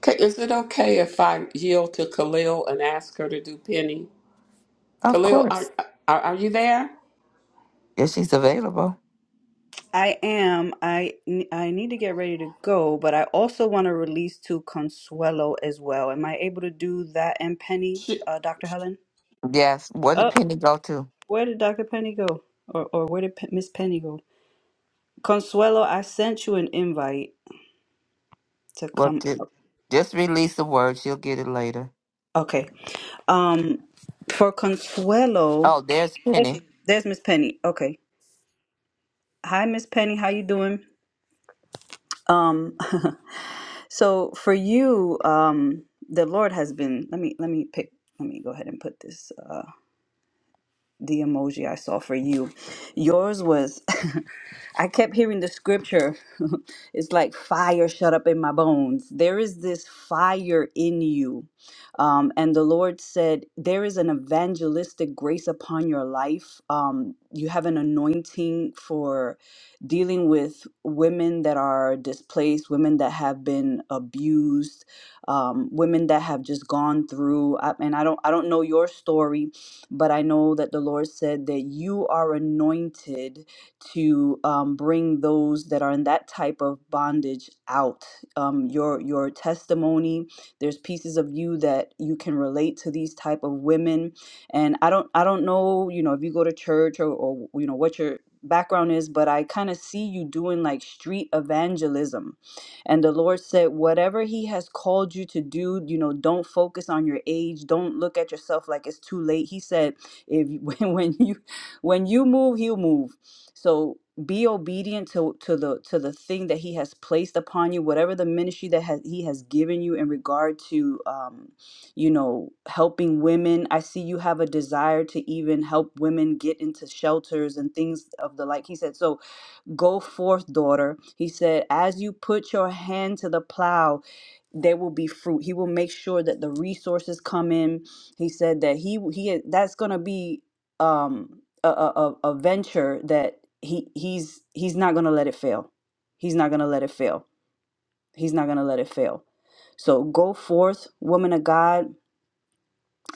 S2: K- Is it okay if I yield to Khalil and ask her to do Penny?
S1: Of
S2: Khalil, are
S1: course.
S2: are, are you there?
S1: If she's available.
S7: I am. I I need to get ready to go, but I also want to release to Consuelo as well. Am I able to do that and Penny,
S2: She,
S7: uh, Dr. Helen?
S1: Yes. What did
S7: Oh,
S1: Penny go to?
S7: where did Dr. Penny go? Or or where did Pe- Miss Penny go? Consuelo, I sent you an invite to
S1: What
S7: come
S1: did
S7: up.
S1: just release the word. She'll get it later.
S7: Okay. Um, for Consuelo,
S1: Oh, there's
S7: there
S1: Penny.
S7: she, there's Miss Penny. Okay. Hi, Miss Penny. How you doing? Um, So for you, um, the Lord has been. Let me let me pick. Let me go ahead and put this uh, the emoji I saw for you. Yours was. I kept hearing the scripture. it's like fire shut up in my bones. There is this fire in you. Um, and the Lord said, There is an evangelistic grace upon your life. Um, you have an anointing for dealing with women that are displaced, women that have been abused, um, women that have just gone through. I, and I don't, I don't know your story, but I know that the Lord said that you are anointed to um, bring those that are in that type of bondage out. Um, your your testimony. There's pieces of you that you can relate to these type of women, and I don't I don't know you know if you go to church or, or you know what your background is, but I kind of see you doing like street evangelism. And the Lord said, whatever He has called you to do, you know, don't focus on your age. Don't look at yourself like it's too late. He said, if when when you when you move, He'll move so be obedient to, to the to the thing that he has placed upon you, whatever the ministry that has he has given you in regard to um, you know, helping women. I see you have a desire to even help women get into shelters and things of the like. He said, So go forth, daughter. He said, as you put your hand to the plow there will be fruit. He will make sure that the resources come in. He said that he he that's going to be um a, a a a venture that he he's he's not going to let it fail. He's not going to let it fail. He's not going to let it fail. So go forth, woman of God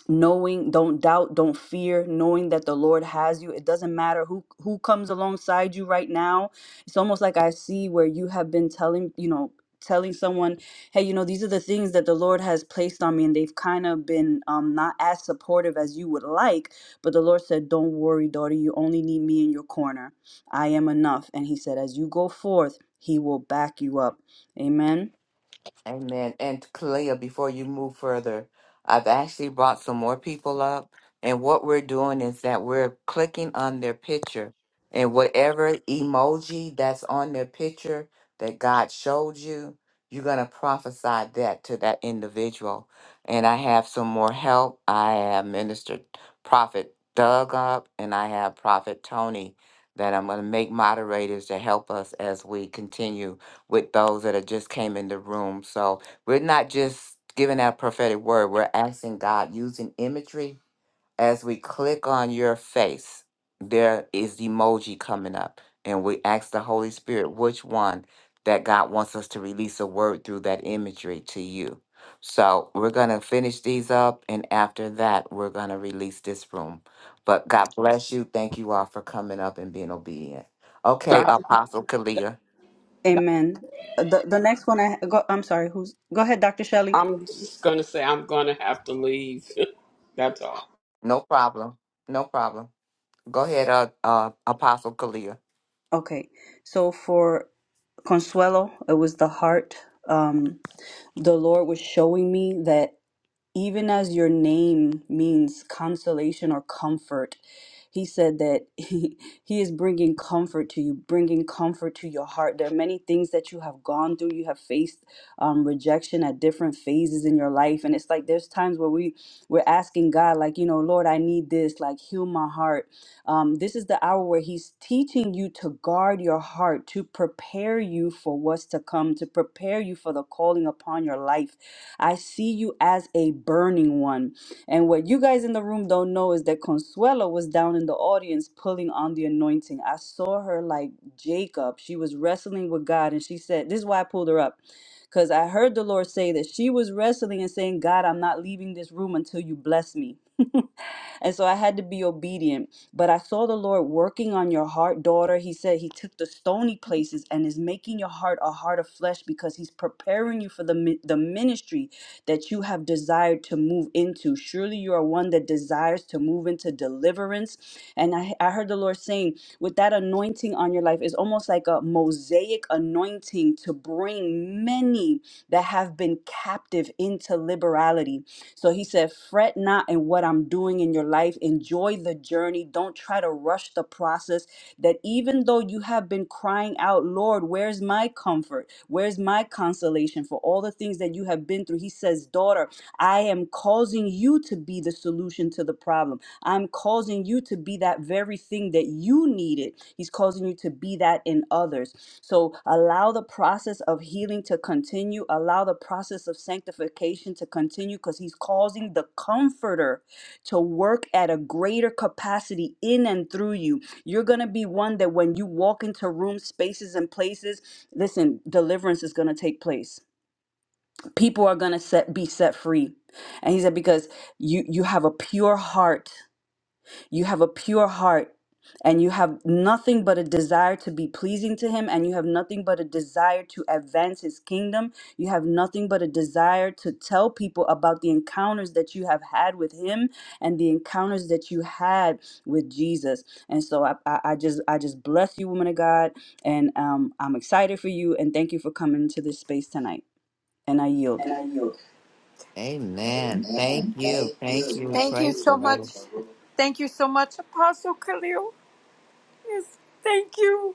S7: knowing don't doubt don't fear knowing that the lord has you it doesn't matter who who comes alongside you right now it's almost like i see where you have been telling you know telling someone hey you know these are the things that the lord has placed on me and they've kind of been um, not as supportive as you would like but the lord said don't worry daughter you only need me in your corner i am enough and he said as you go forth he will back you up amen
S1: Amen. And Kalia, before you move further, I've actually brought some more people up. And what we're doing is that we're clicking on their picture and whatever emoji that's on their picture that God showed you, you're going to prophesy that to that individual. And I have some more help. I have Minister Prophet Doug up and I have Prophet Tony that I'm going to make moderators to help us as we continue with those that have just came in the room. So we're not just giving out prophetic word, we're asking God using imagery. As we click on your face, there is the emoji coming up. And we ask the Holy Spirit which one that God wants us to release a word through that imagery to you. So we're going to finish these up. And after that, we're going to release this room. But God bless you. Thank you all for coming up and being obedient. Okay,
S5: Uh,
S2: Doctor,
S1: Apostle Kalia.
S7: amen Uh, the, the next one i go i'm sorry who's go ahead dr shelley
S2: I'm just gonna say I'm gonna have to leave. That's all.
S1: No problem. No problem. Go ahead, uh, uh, Apostle Kalia.
S7: Okay, so for Consuelo, it was the heart. Um, the Lord was showing me that even as your name means consolation or comfort. He said that he, he is bringing comfort to you, bringing comfort to your heart. There are many things that you have gone through. You have faced um, rejection at different phases in your life, and it's like there's times where we we're asking God, like you know, Lord, I need this, like heal my heart. Um, this is the hour where He's teaching you to guard your heart, to prepare you for what's to come, to prepare you for the calling upon your life I see you as a burning one. And what you guys in the room don't know is that Consuelo was down in the audience pulling on the anointing. I saw her like Jacob. She was wrestling with God and she said, This is why I pulled her up. Because I heard the Lord say that she was wrestling and saying, God, I'm not leaving this room until you bless me. and so I had to be obedient. But I saw the Lord working on your heart, daughter. He said He took the stony places and is making your heart a heart of flesh because He's preparing you for the, mi- the ministry that you have desired to move into. Surely you are one that desires to move into deliverance. And I, I heard the Lord saying, with that anointing on your life, it's almost like a mosaic anointing to bring many that have been captive into liberality so he said, Fret not in what I'm doing in your life. Enjoy the journey. Don't try to rush the process. That even though you have been crying out, Lord, where's my comfort? Where's my consolation for all the things that you have been through? He says, Daughter, I am causing you to be the solution to the problem. I'm causing you to be that very thing that you needed. He's causing you to be that in others. So allow the process of healing to continue, allow the process of sanctification to continue because he's causing the comforter to work at a greater capacity in and through you. You're going to be one that when you walk into rooms, spaces, and places, listen, deliverance is going to take place. People are going to set, be set free. And he said, because you, you have a pure heart you have a pure heart and you have nothing but a desire to be pleasing to him and you have nothing but a desire to advance his kingdom you have nothing but a desire to tell people about the encounters that you have had with him and the encounters that you had with jesus and so i, I, I just i just bless you woman of god and um, i'm excited for you and thank you for coming to this space tonight and i yield
S9: And I yield.
S1: Amen. Thank you. Thank you.
S9: Thank you
S1: Praise the
S9: so much.
S1: Lord.
S9: Thank you so much, Apostle Khalil. Yes, thank you.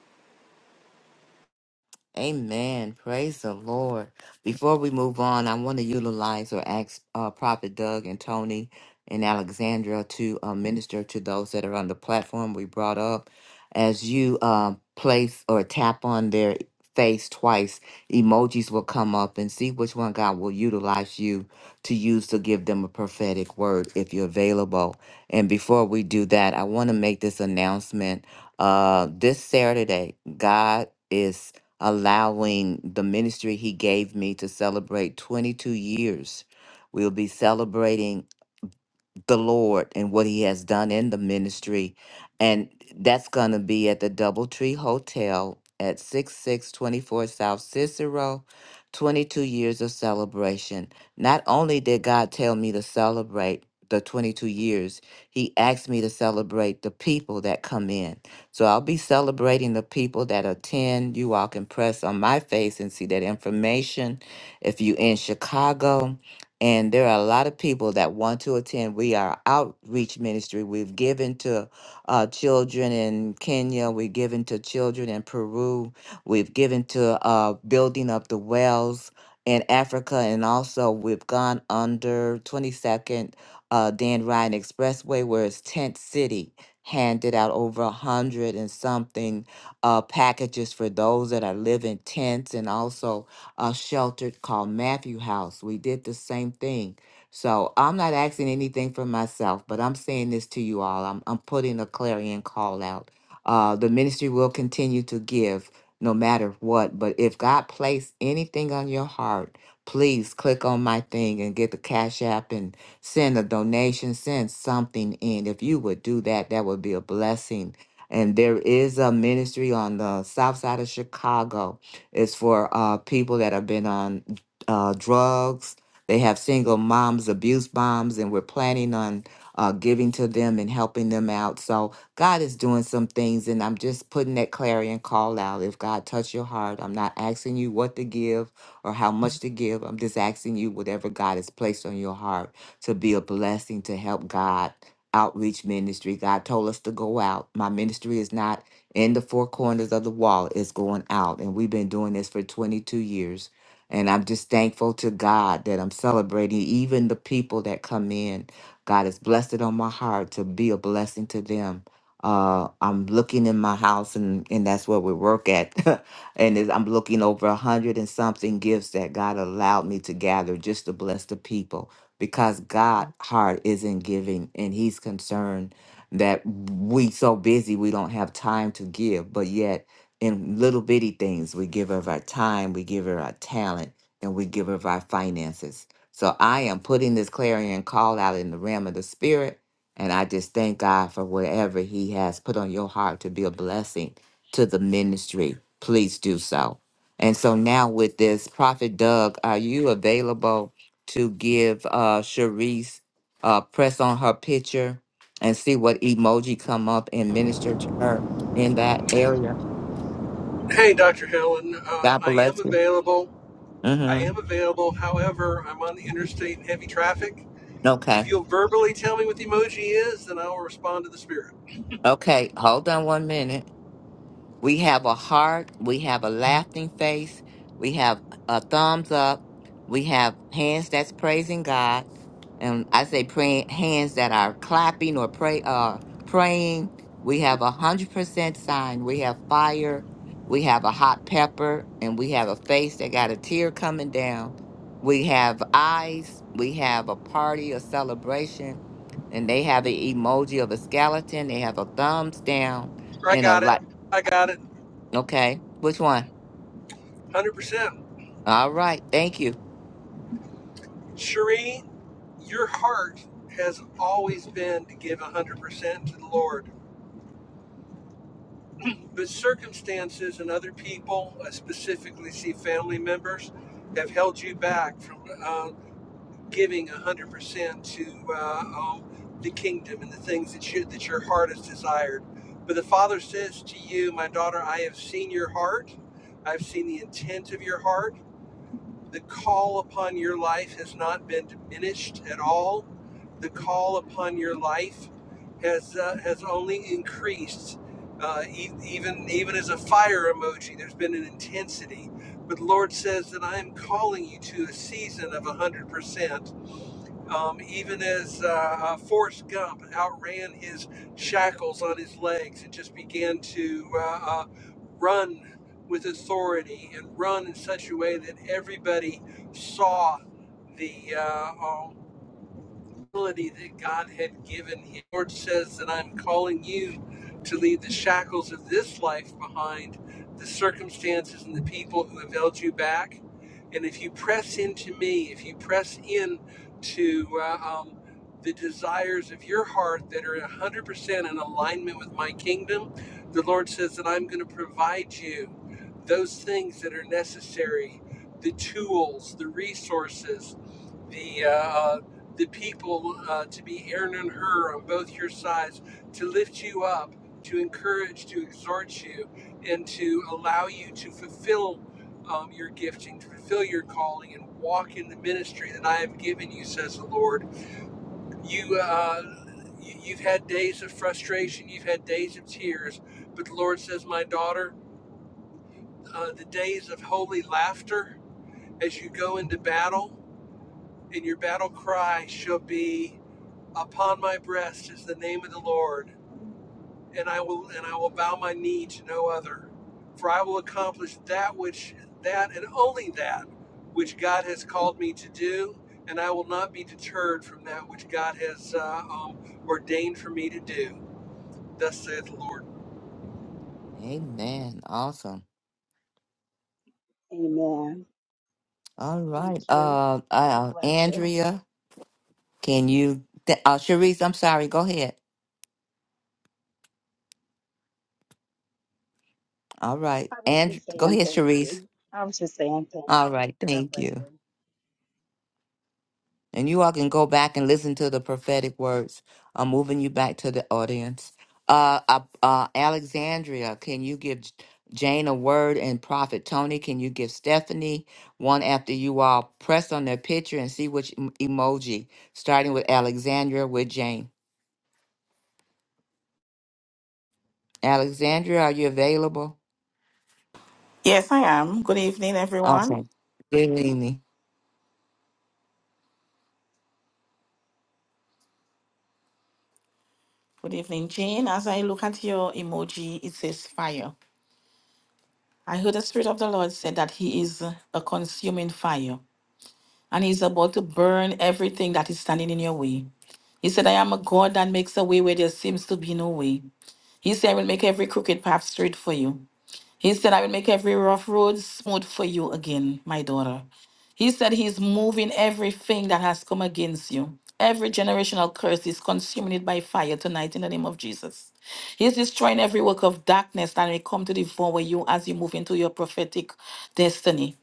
S1: Amen. Praise the Lord. Before we move on, I want to utilize or ask uh, Prophet Doug and Tony and Alexandra to uh, minister to those that are on the platform we brought up. As you uh, place or tap on their face twice, emojis will come up and see which one God will utilize you to use to give them a prophetic word if you're available. And before we do that, I want to make this announcement. Uh, this Saturday, God is allowing the ministry he gave me to celebrate 22 years. We'll be celebrating the Lord and what He has done in the ministry. And that's going to be at the Doubletree Hotel at 6624 South Cicero. 22 years of celebration. Not only did God tell me to celebrate the 22 years, He asked me to celebrate the people that come in. So I'll be celebrating the people that attend. You all can press on my face and see that information. If you're in Chicago, and there are a lot of people that want to attend. We are outreach ministry. We've given to uh, children in Kenya. We've given to children in Peru. We've given to uh, building up the wells in Africa. And also, we've gone under 22nd uh, Dan Ryan Expressway, where it's Tent City, handed out over a hundred and something uh, packages for those that are living tents and also a shelter called Matthew House. We did the same thing. So I'm not asking anything for myself, but I'm saying this to you all. I'm, I'm putting a clarion call out. Uh, the ministry will continue to give no matter what, but if God placed anything on your heart, please click on my thing and get the Cash App and send a donation, send something in. If you would do that, that would be a blessing. And there is a ministry on the south side of Chicago it's for uh, people that have been on uh, drugs. They have single moms, abuse moms, and we're planning on uh, giving to them and helping them out. So God is doing some things, and I'm just putting that clarion call out. If God touched your heart, I'm not asking you what to give or how much to give. I'm just asking you whatever God has placed on your heart to be a blessing to help God outreach ministry. God told us to go out. My ministry is not in the four corners of the wall is going out. And we've been doing this for 22 years. And I'm just thankful to God that I'm celebrating even the people that come in. God has blessed it on my heart to be a blessing to them. Uh, I'm looking in my house, and, and that's where we work at. and is- I'm looking over a hundred and something gifts that God allowed me to gather just to bless the people because God' heart is in giving, and He's concerned that we so busy we don't have time to give but yet in little bitty things we give of our time we give of our talent and we give of our finances so i am putting this clarion call out in the realm of the spirit and i just thank god for whatever he has put on your heart to be a blessing to the ministry please do so and so now with this prophet doug are you available to give uh Sharice uh press on her picture and see what emoji come up and minister to her in that area.
S10: Hey, Dr. Helen. Uh,
S1: God
S10: I am
S1: bless you.
S10: available. I
S1: Mm-hmm.
S10: am available. However, I'm on the interstate in heavy traffic. If
S1: Okay.
S10: you'll verbally tell me what the emoji is, then I will respond to the spirit.
S1: Okay. Hold on one minute. We have a heart. We have a laughing face. We have a thumbs up. We have hands that's praising God, and I say praying hands that are clapping or pray uh praying. We have a hundred percent sign. We have fire. We have a hot pepper, and we have a face that got a tear coming down. We have eyes. We have a party, a celebration, and they have an emoji of a skeleton. They have a thumbs down
S10: I
S1: and a
S10: got it.
S1: like.
S10: I got it.
S1: Okay. Which one?
S10: 100%.
S1: All right. Thank you.
S10: Cherie, your heart has always been to give 100% to the Lord. But circumstances and other people, I specifically see family members, have held you back from uh, giving 100% to uh, oh, the kingdom and the things that you that your heart has desired. But the Father says to you, my daughter, I have seen your heart. I've seen the intent of your heart. The call upon your life has not been diminished at all. The call upon your life has uh, has only increased. Uh, e- even even as a fire emoji, there's been an intensity. But the Lord says that I am calling you to a season of 100%. Um, even as uh, uh, Forrest Gump outran his shackles on his legs and just began to uh, uh, run with authority and run in such a way that everybody saw the uh, uh, ability that God had given him. The Lord says that I'm calling you to leave the shackles of this life behind, the circumstances and the people who have held you back. And if you press into me, if you press in to uh, um, the desires of your heart that are 100% in alignment with my kingdom, the Lord says that I'm going to provide you those things that are necessary the tools, the resources, the uh, uh, the people uh, to be Aaron and Hur on both your sides, to lift you up, to encourage, to exhort you, and to allow you to fulfill um, your gifting, to fulfill your calling, and walk in the ministry that I have given you, says the Lord. You, uh, you have had days of frustration, you've had days of tears, but the Lord says, my daughter, uh, the days of holy laughter as you go into battle, and your battle cry shall be. Upon my breast is the name of the Lord, and I will and I will bow my knee to no other, for I will accomplish that which that and only that which God has called me to do, and I will not be deterred from that which God has uh, um, ordained for me to do. Thus saith the Lord.
S1: Amen. Awesome.
S11: Amen.
S1: All
S11: Thank
S1: right.
S11: you.
S1: Uh,
S11: God
S1: uh
S11: bless you.
S1: Andrea, can you th- uh Sharice, I'm sorry. Go ahead. All right.
S11: I was
S1: And
S11: just
S1: go
S11: saying
S1: ahead,
S11: thank
S1: Sharice.
S11: you. I was just saying thank
S1: All
S11: you.
S1: right.
S11: God
S1: Thank
S11: bless
S1: you.
S11: you.
S1: And you all can go back and listen to the prophetic words. I'm moving you back to the audience. Uh, uh, uh, Alexandria, can you give J- Jane a word and Prophet Tony? Can you give Stephanie one after you all press on their picture and see which em- emoji, starting with Alexandria with Jane? Alexandria, are you available?
S12: Yes, I am. Good evening, everyone.
S1: Awesome. Good evening.
S12: Good evening, Jane. As I look at your emoji, it says fire. I heard the Spirit of the Lord said that He is a consuming fire and He's about to burn everything that is standing in your way. He said, I am a God that makes a way where there seems to be no way. He said, I will make every crooked path straight for you. He said, I will make every rough road smooth for you again, my daughter. He said he's moving everything that has come against you. Every generational curse is consuming it by fire tonight in the name of Jesus. He's destroying every work of darkness that may come to devour you as you move into your prophetic destiny.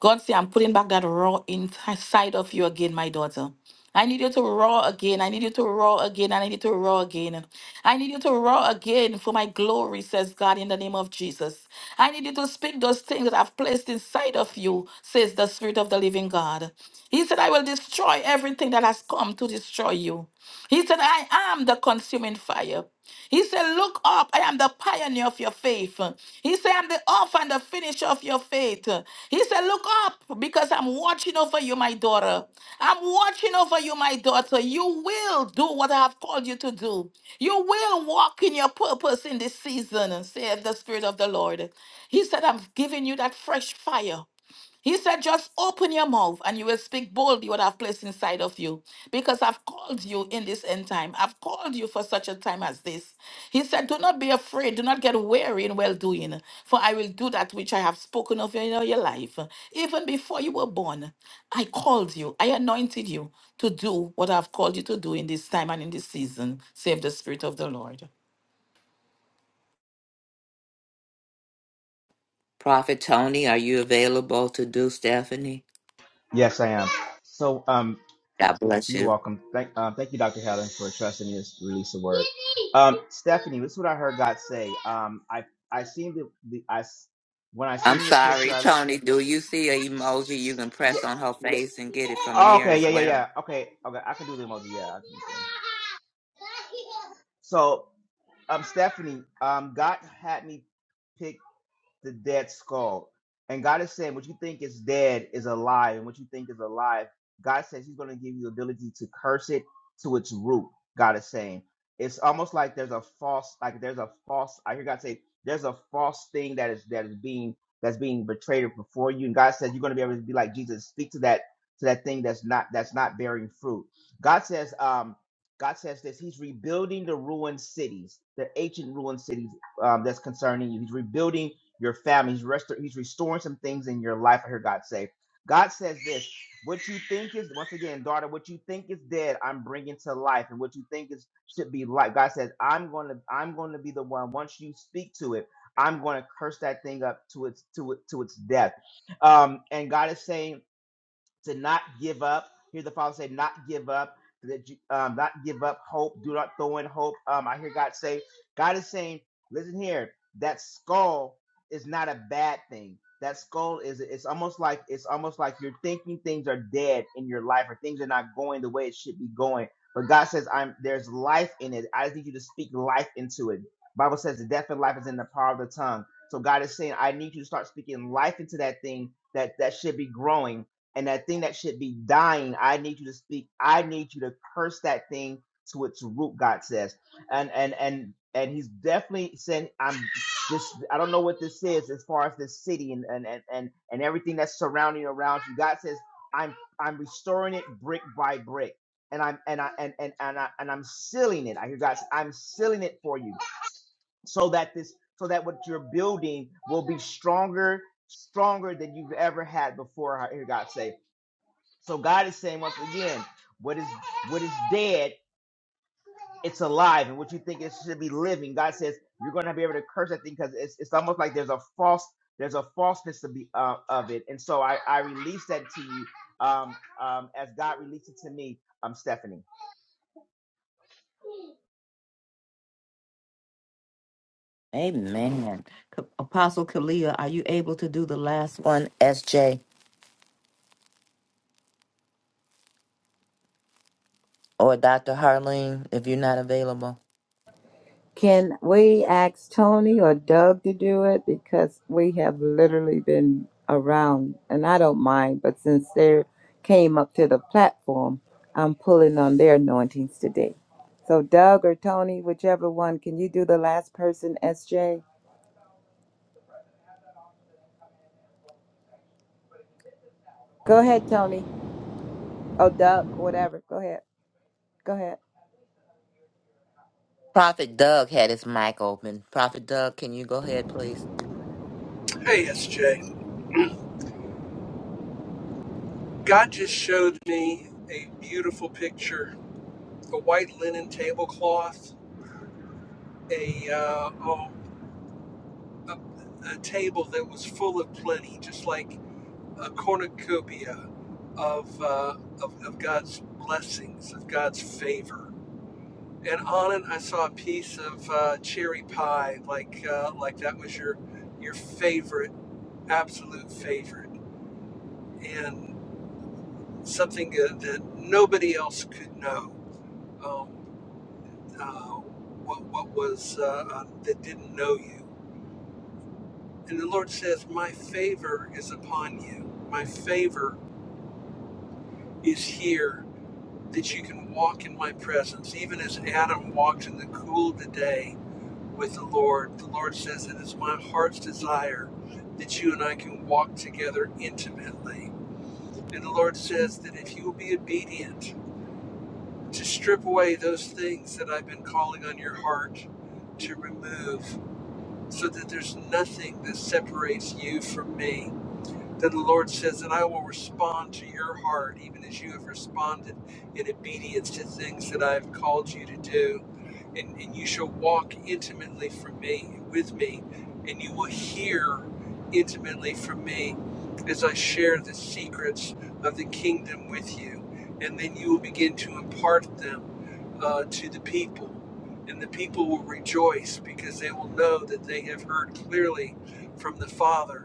S12: God say, I'm putting back that roar inside of you again, my daughter. I need you to roar again. I need you to roar again. I need you to roar again. I need you to roar again for my glory, says God, in the name of Jesus. I need you to speak those things that I've placed inside of you, says the Spirit of the living God. He said, I will destroy everything that has come to destroy you. He said, I am the consuming fire. He said, Look up, I am the pioneer of your faith. He said, I'm the author and the finisher of your faith. He said, Look up, because I'm watching over you, my daughter. I'm watching over you, my daughter. You will do what I have called you to do. You will walk in your purpose in this season, saith the Spirit of the Lord. He said, I'm giving you that fresh fire. He said, Just open your mouth and you will speak boldly what I've placed inside of you, because I've called you in this end time. I've called you for such a time as this. He said, Do not be afraid, do not get weary in well doing, for I will do that which I have spoken of in your life. Even before you were born, I called you, I anointed you to do what I've called you to do in this time and in this season, save the Spirit of the Lord.
S1: Prophet Tony, are you available to do Stephanie?
S13: Yes, I am. So, um,
S1: God bless
S13: you're
S1: you.
S13: welcome. Thank, uh, thank you, Dr. Helen, for trusting me to release the word. Um, Stephanie, this is what I heard God say. Um, I I seen the, the I s- when I seen
S1: I'm
S13: the picture.
S1: sorry,
S13: I look,
S1: Tony. Do you see a emoji you can
S13: yeah.
S1: press on her face and get it from
S13: Oh,
S1: there
S13: okay,
S1: as
S13: yeah, yeah,
S1: well?
S13: yeah. Okay, okay. I can do the emoji. Yeah. I can do the- So, um, Stephanie, um, God had me pick the dead skull. And God is saying, what you think is dead is alive, and what you think is alive, God says He's going to give you the ability to curse it to its root. God is saying it's almost like there's a false, like there's a false. I hear God say there's a false thing that is that is being that's being betrayed before you, and God says you're going to be able to be like Jesus, speak to that to that thing that's not that's not bearing fruit. God says, um, God says this. He's rebuilding the ruined cities, the ancient ruined cities um, that's concerning you. He's rebuilding your family. He's, restor- he's restoring some things in your life. I heard God say. God says this what you think is, once again, daughter, what you think is dead, I'm bringing to life. And what you think is should be life. God says, I'm going to, I'm going to be the one. Once you speak to it, I'm going to curse that thing up to its, to it, to its death. Um, and God is saying, to not give up. Hear the Father say, not give up, that you, um, not give up hope. Do not throw in hope. Um, I hear God say, God is saying, listen here, that skull is not a bad thing. That skull is it's almost like it's almost like you're thinking things are dead in your life or things are not going the way it should be going. But God says, I'm there's life in it. I just need you to speak life into it. Bible says the death and life is in the power of the tongue. So God is saying, I need you to start speaking life into that thing that that should be growing and that thing that should be dying, I need you to speak. I need you to curse that thing to its root. God says, and and and and He's definitely saying, "I'm this. I don't know what this is as far as this city and and and and, and everything that's surrounding around you." God says, "I'm I'm restoring it brick by brick." And I'm and I and and and, I, and I'm sealing it. I hear God. say, I'm sealing it for you, so that this, so that what you're building will be stronger, stronger than you've ever had before. I hear God say so God is saying once again, what is what is dead, it's alive, and what you think it should be living. God says you're going to be able to curse that thing because it's, it's almost like there's a false there's a falseness to be uh, of it, and so I I release that to you um um as God released it to me. um, Stephanie.
S1: Amen. K- Apostle Kalia, are you able to do the last one, SJ or Dr. Harleen, if you're not available?
S3: Can we ask Tony or Doug to do it? Because we have literally been around, and I don't mind, but since they came up to the platform, I'm pulling on their anointings today. So, Doug or Tony, whichever one, can you do the last person, SJ? Go ahead, Tony. Oh, Doug, whatever. Go ahead. Go ahead.
S1: Prophet Doug had his mic open. Prophet Doug, can you go ahead, please?
S10: Hey, SJ. God just showed me a beautiful picture, a white linen tablecloth, a uh, oh, a, a table that was full of plenty, just like a cornucopia of, uh, of, of God's blessings, of God's favor. And on it, I saw a piece of uh, cherry pie, like uh, like that was your your favorite, absolute favorite, and something that, that nobody else could know. Um, uh, what what was uh, uh, that didn't know you? And the Lord says, "My favor is upon you. My favor is here that you can walk in my presence, even as Adam walked in the cool of the day with the Lord. The Lord says, It is my heart's desire that you and I can walk together intimately. And the Lord says that if you will be obedient to strip away those things that I've been calling on your heart to remove, so that there's nothing that separates you from me then the Lord says, And I will respond to your heart, even as you have responded in obedience to things that I have called you to do. And, and you shall walk intimately from me, with me, and you will hear intimately from me as I share the secrets of the kingdom with you. And then you will begin to impart them uh, to the people. And the people will rejoice because they will know that they have heard clearly from the Father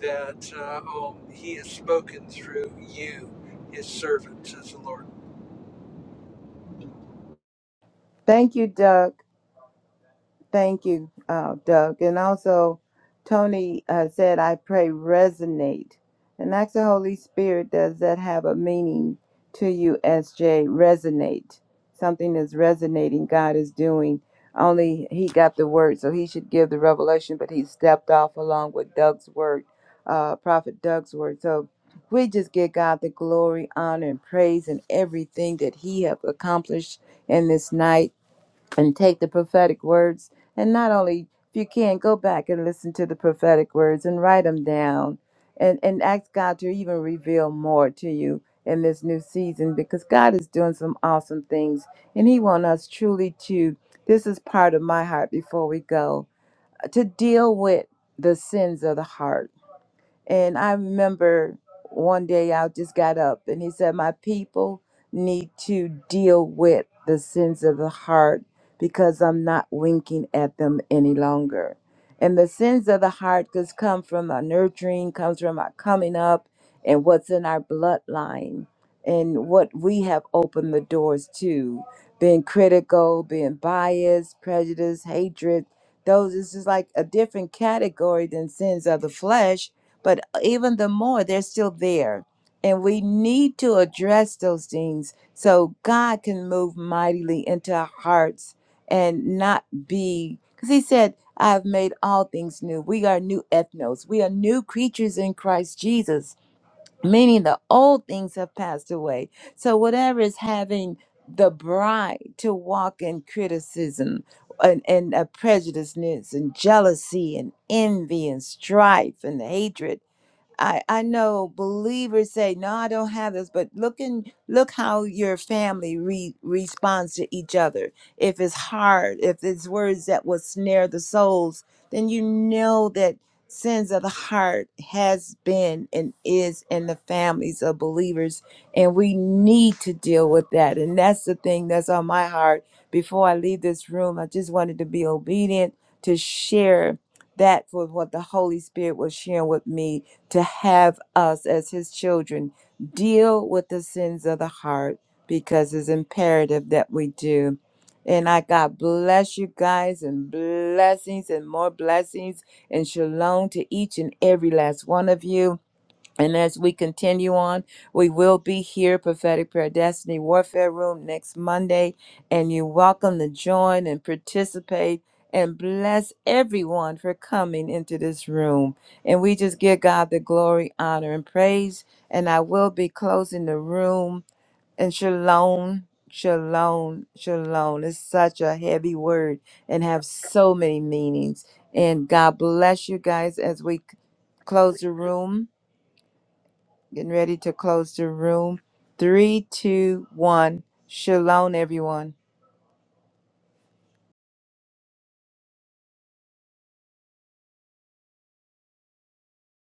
S10: that uh, um, he has spoken through you, his servant, says the Lord.
S3: Thank you, Doug. Thank you, uh, Doug. And also, Tony uh, said, I pray resonate. And ask the Holy Spirit, does that have a meaning to you, SJ? Resonate. Something is resonating, God is doing. Only he got the word, so he should give the revelation, but he stepped off along with Doug's word, uh, Prophet Doug's word. So we just give God the glory, honor, and praise and everything that he have accomplished in this night and take the prophetic words and not only if you can go back and listen to the prophetic words and write them down and and ask God to even reveal more to you in this new season because God is doing some awesome things and he wants us truly to this is part of my heart before we go to deal with the sins of the heart and I remember one day I just got up and he said, My people need to deal with the sins of the heart because I'm not winking at them any longer. And the sins of the heart could come from our nurturing, comes from our coming up and what's in our bloodline and what we have opened the doors to. Being critical, being biased, prejudice, hatred, those is just like a different category than sins of the flesh but uh, even the more they're still there and we need to address those things so god can move mightily into our hearts and not be because he said i have made all things new we are new ethnos we are new creatures in christ jesus meaning the old things have passed away so whatever is having the bride to walk in criticism and, and uh, prejudiceness and jealousy and envy and strife and hatred I, I know believers say, no, I don't have this, but look and look how your family re- responds to each other. If it's hard, if it's words that will snare the souls, then you know that sins of the heart has been and is in the families of believers. And we need to deal with that. And that's the thing that's on my heart. Before I leave this room, I just wanted to be obedient to share that was what the Holy Spirit was sharing with me to have us as his children deal with the sins of the heart because it's imperative that we do. And I God bless you guys and blessings and more blessings and shalom to each and every last one of you. And as we continue on, we will be here, Prophetic Prayer Destiny Warfare Room, next Monday. And you're welcome to join and participate and bless everyone for coming into this room. And we just give God the glory, honor, and praise. And I will be closing the room. And shalom, shalom, shalom. It's such a heavy word and have so many meanings. And God bless you guys as we c- close the room. Getting ready to close the room. Three, two, one. Shalom, everyone.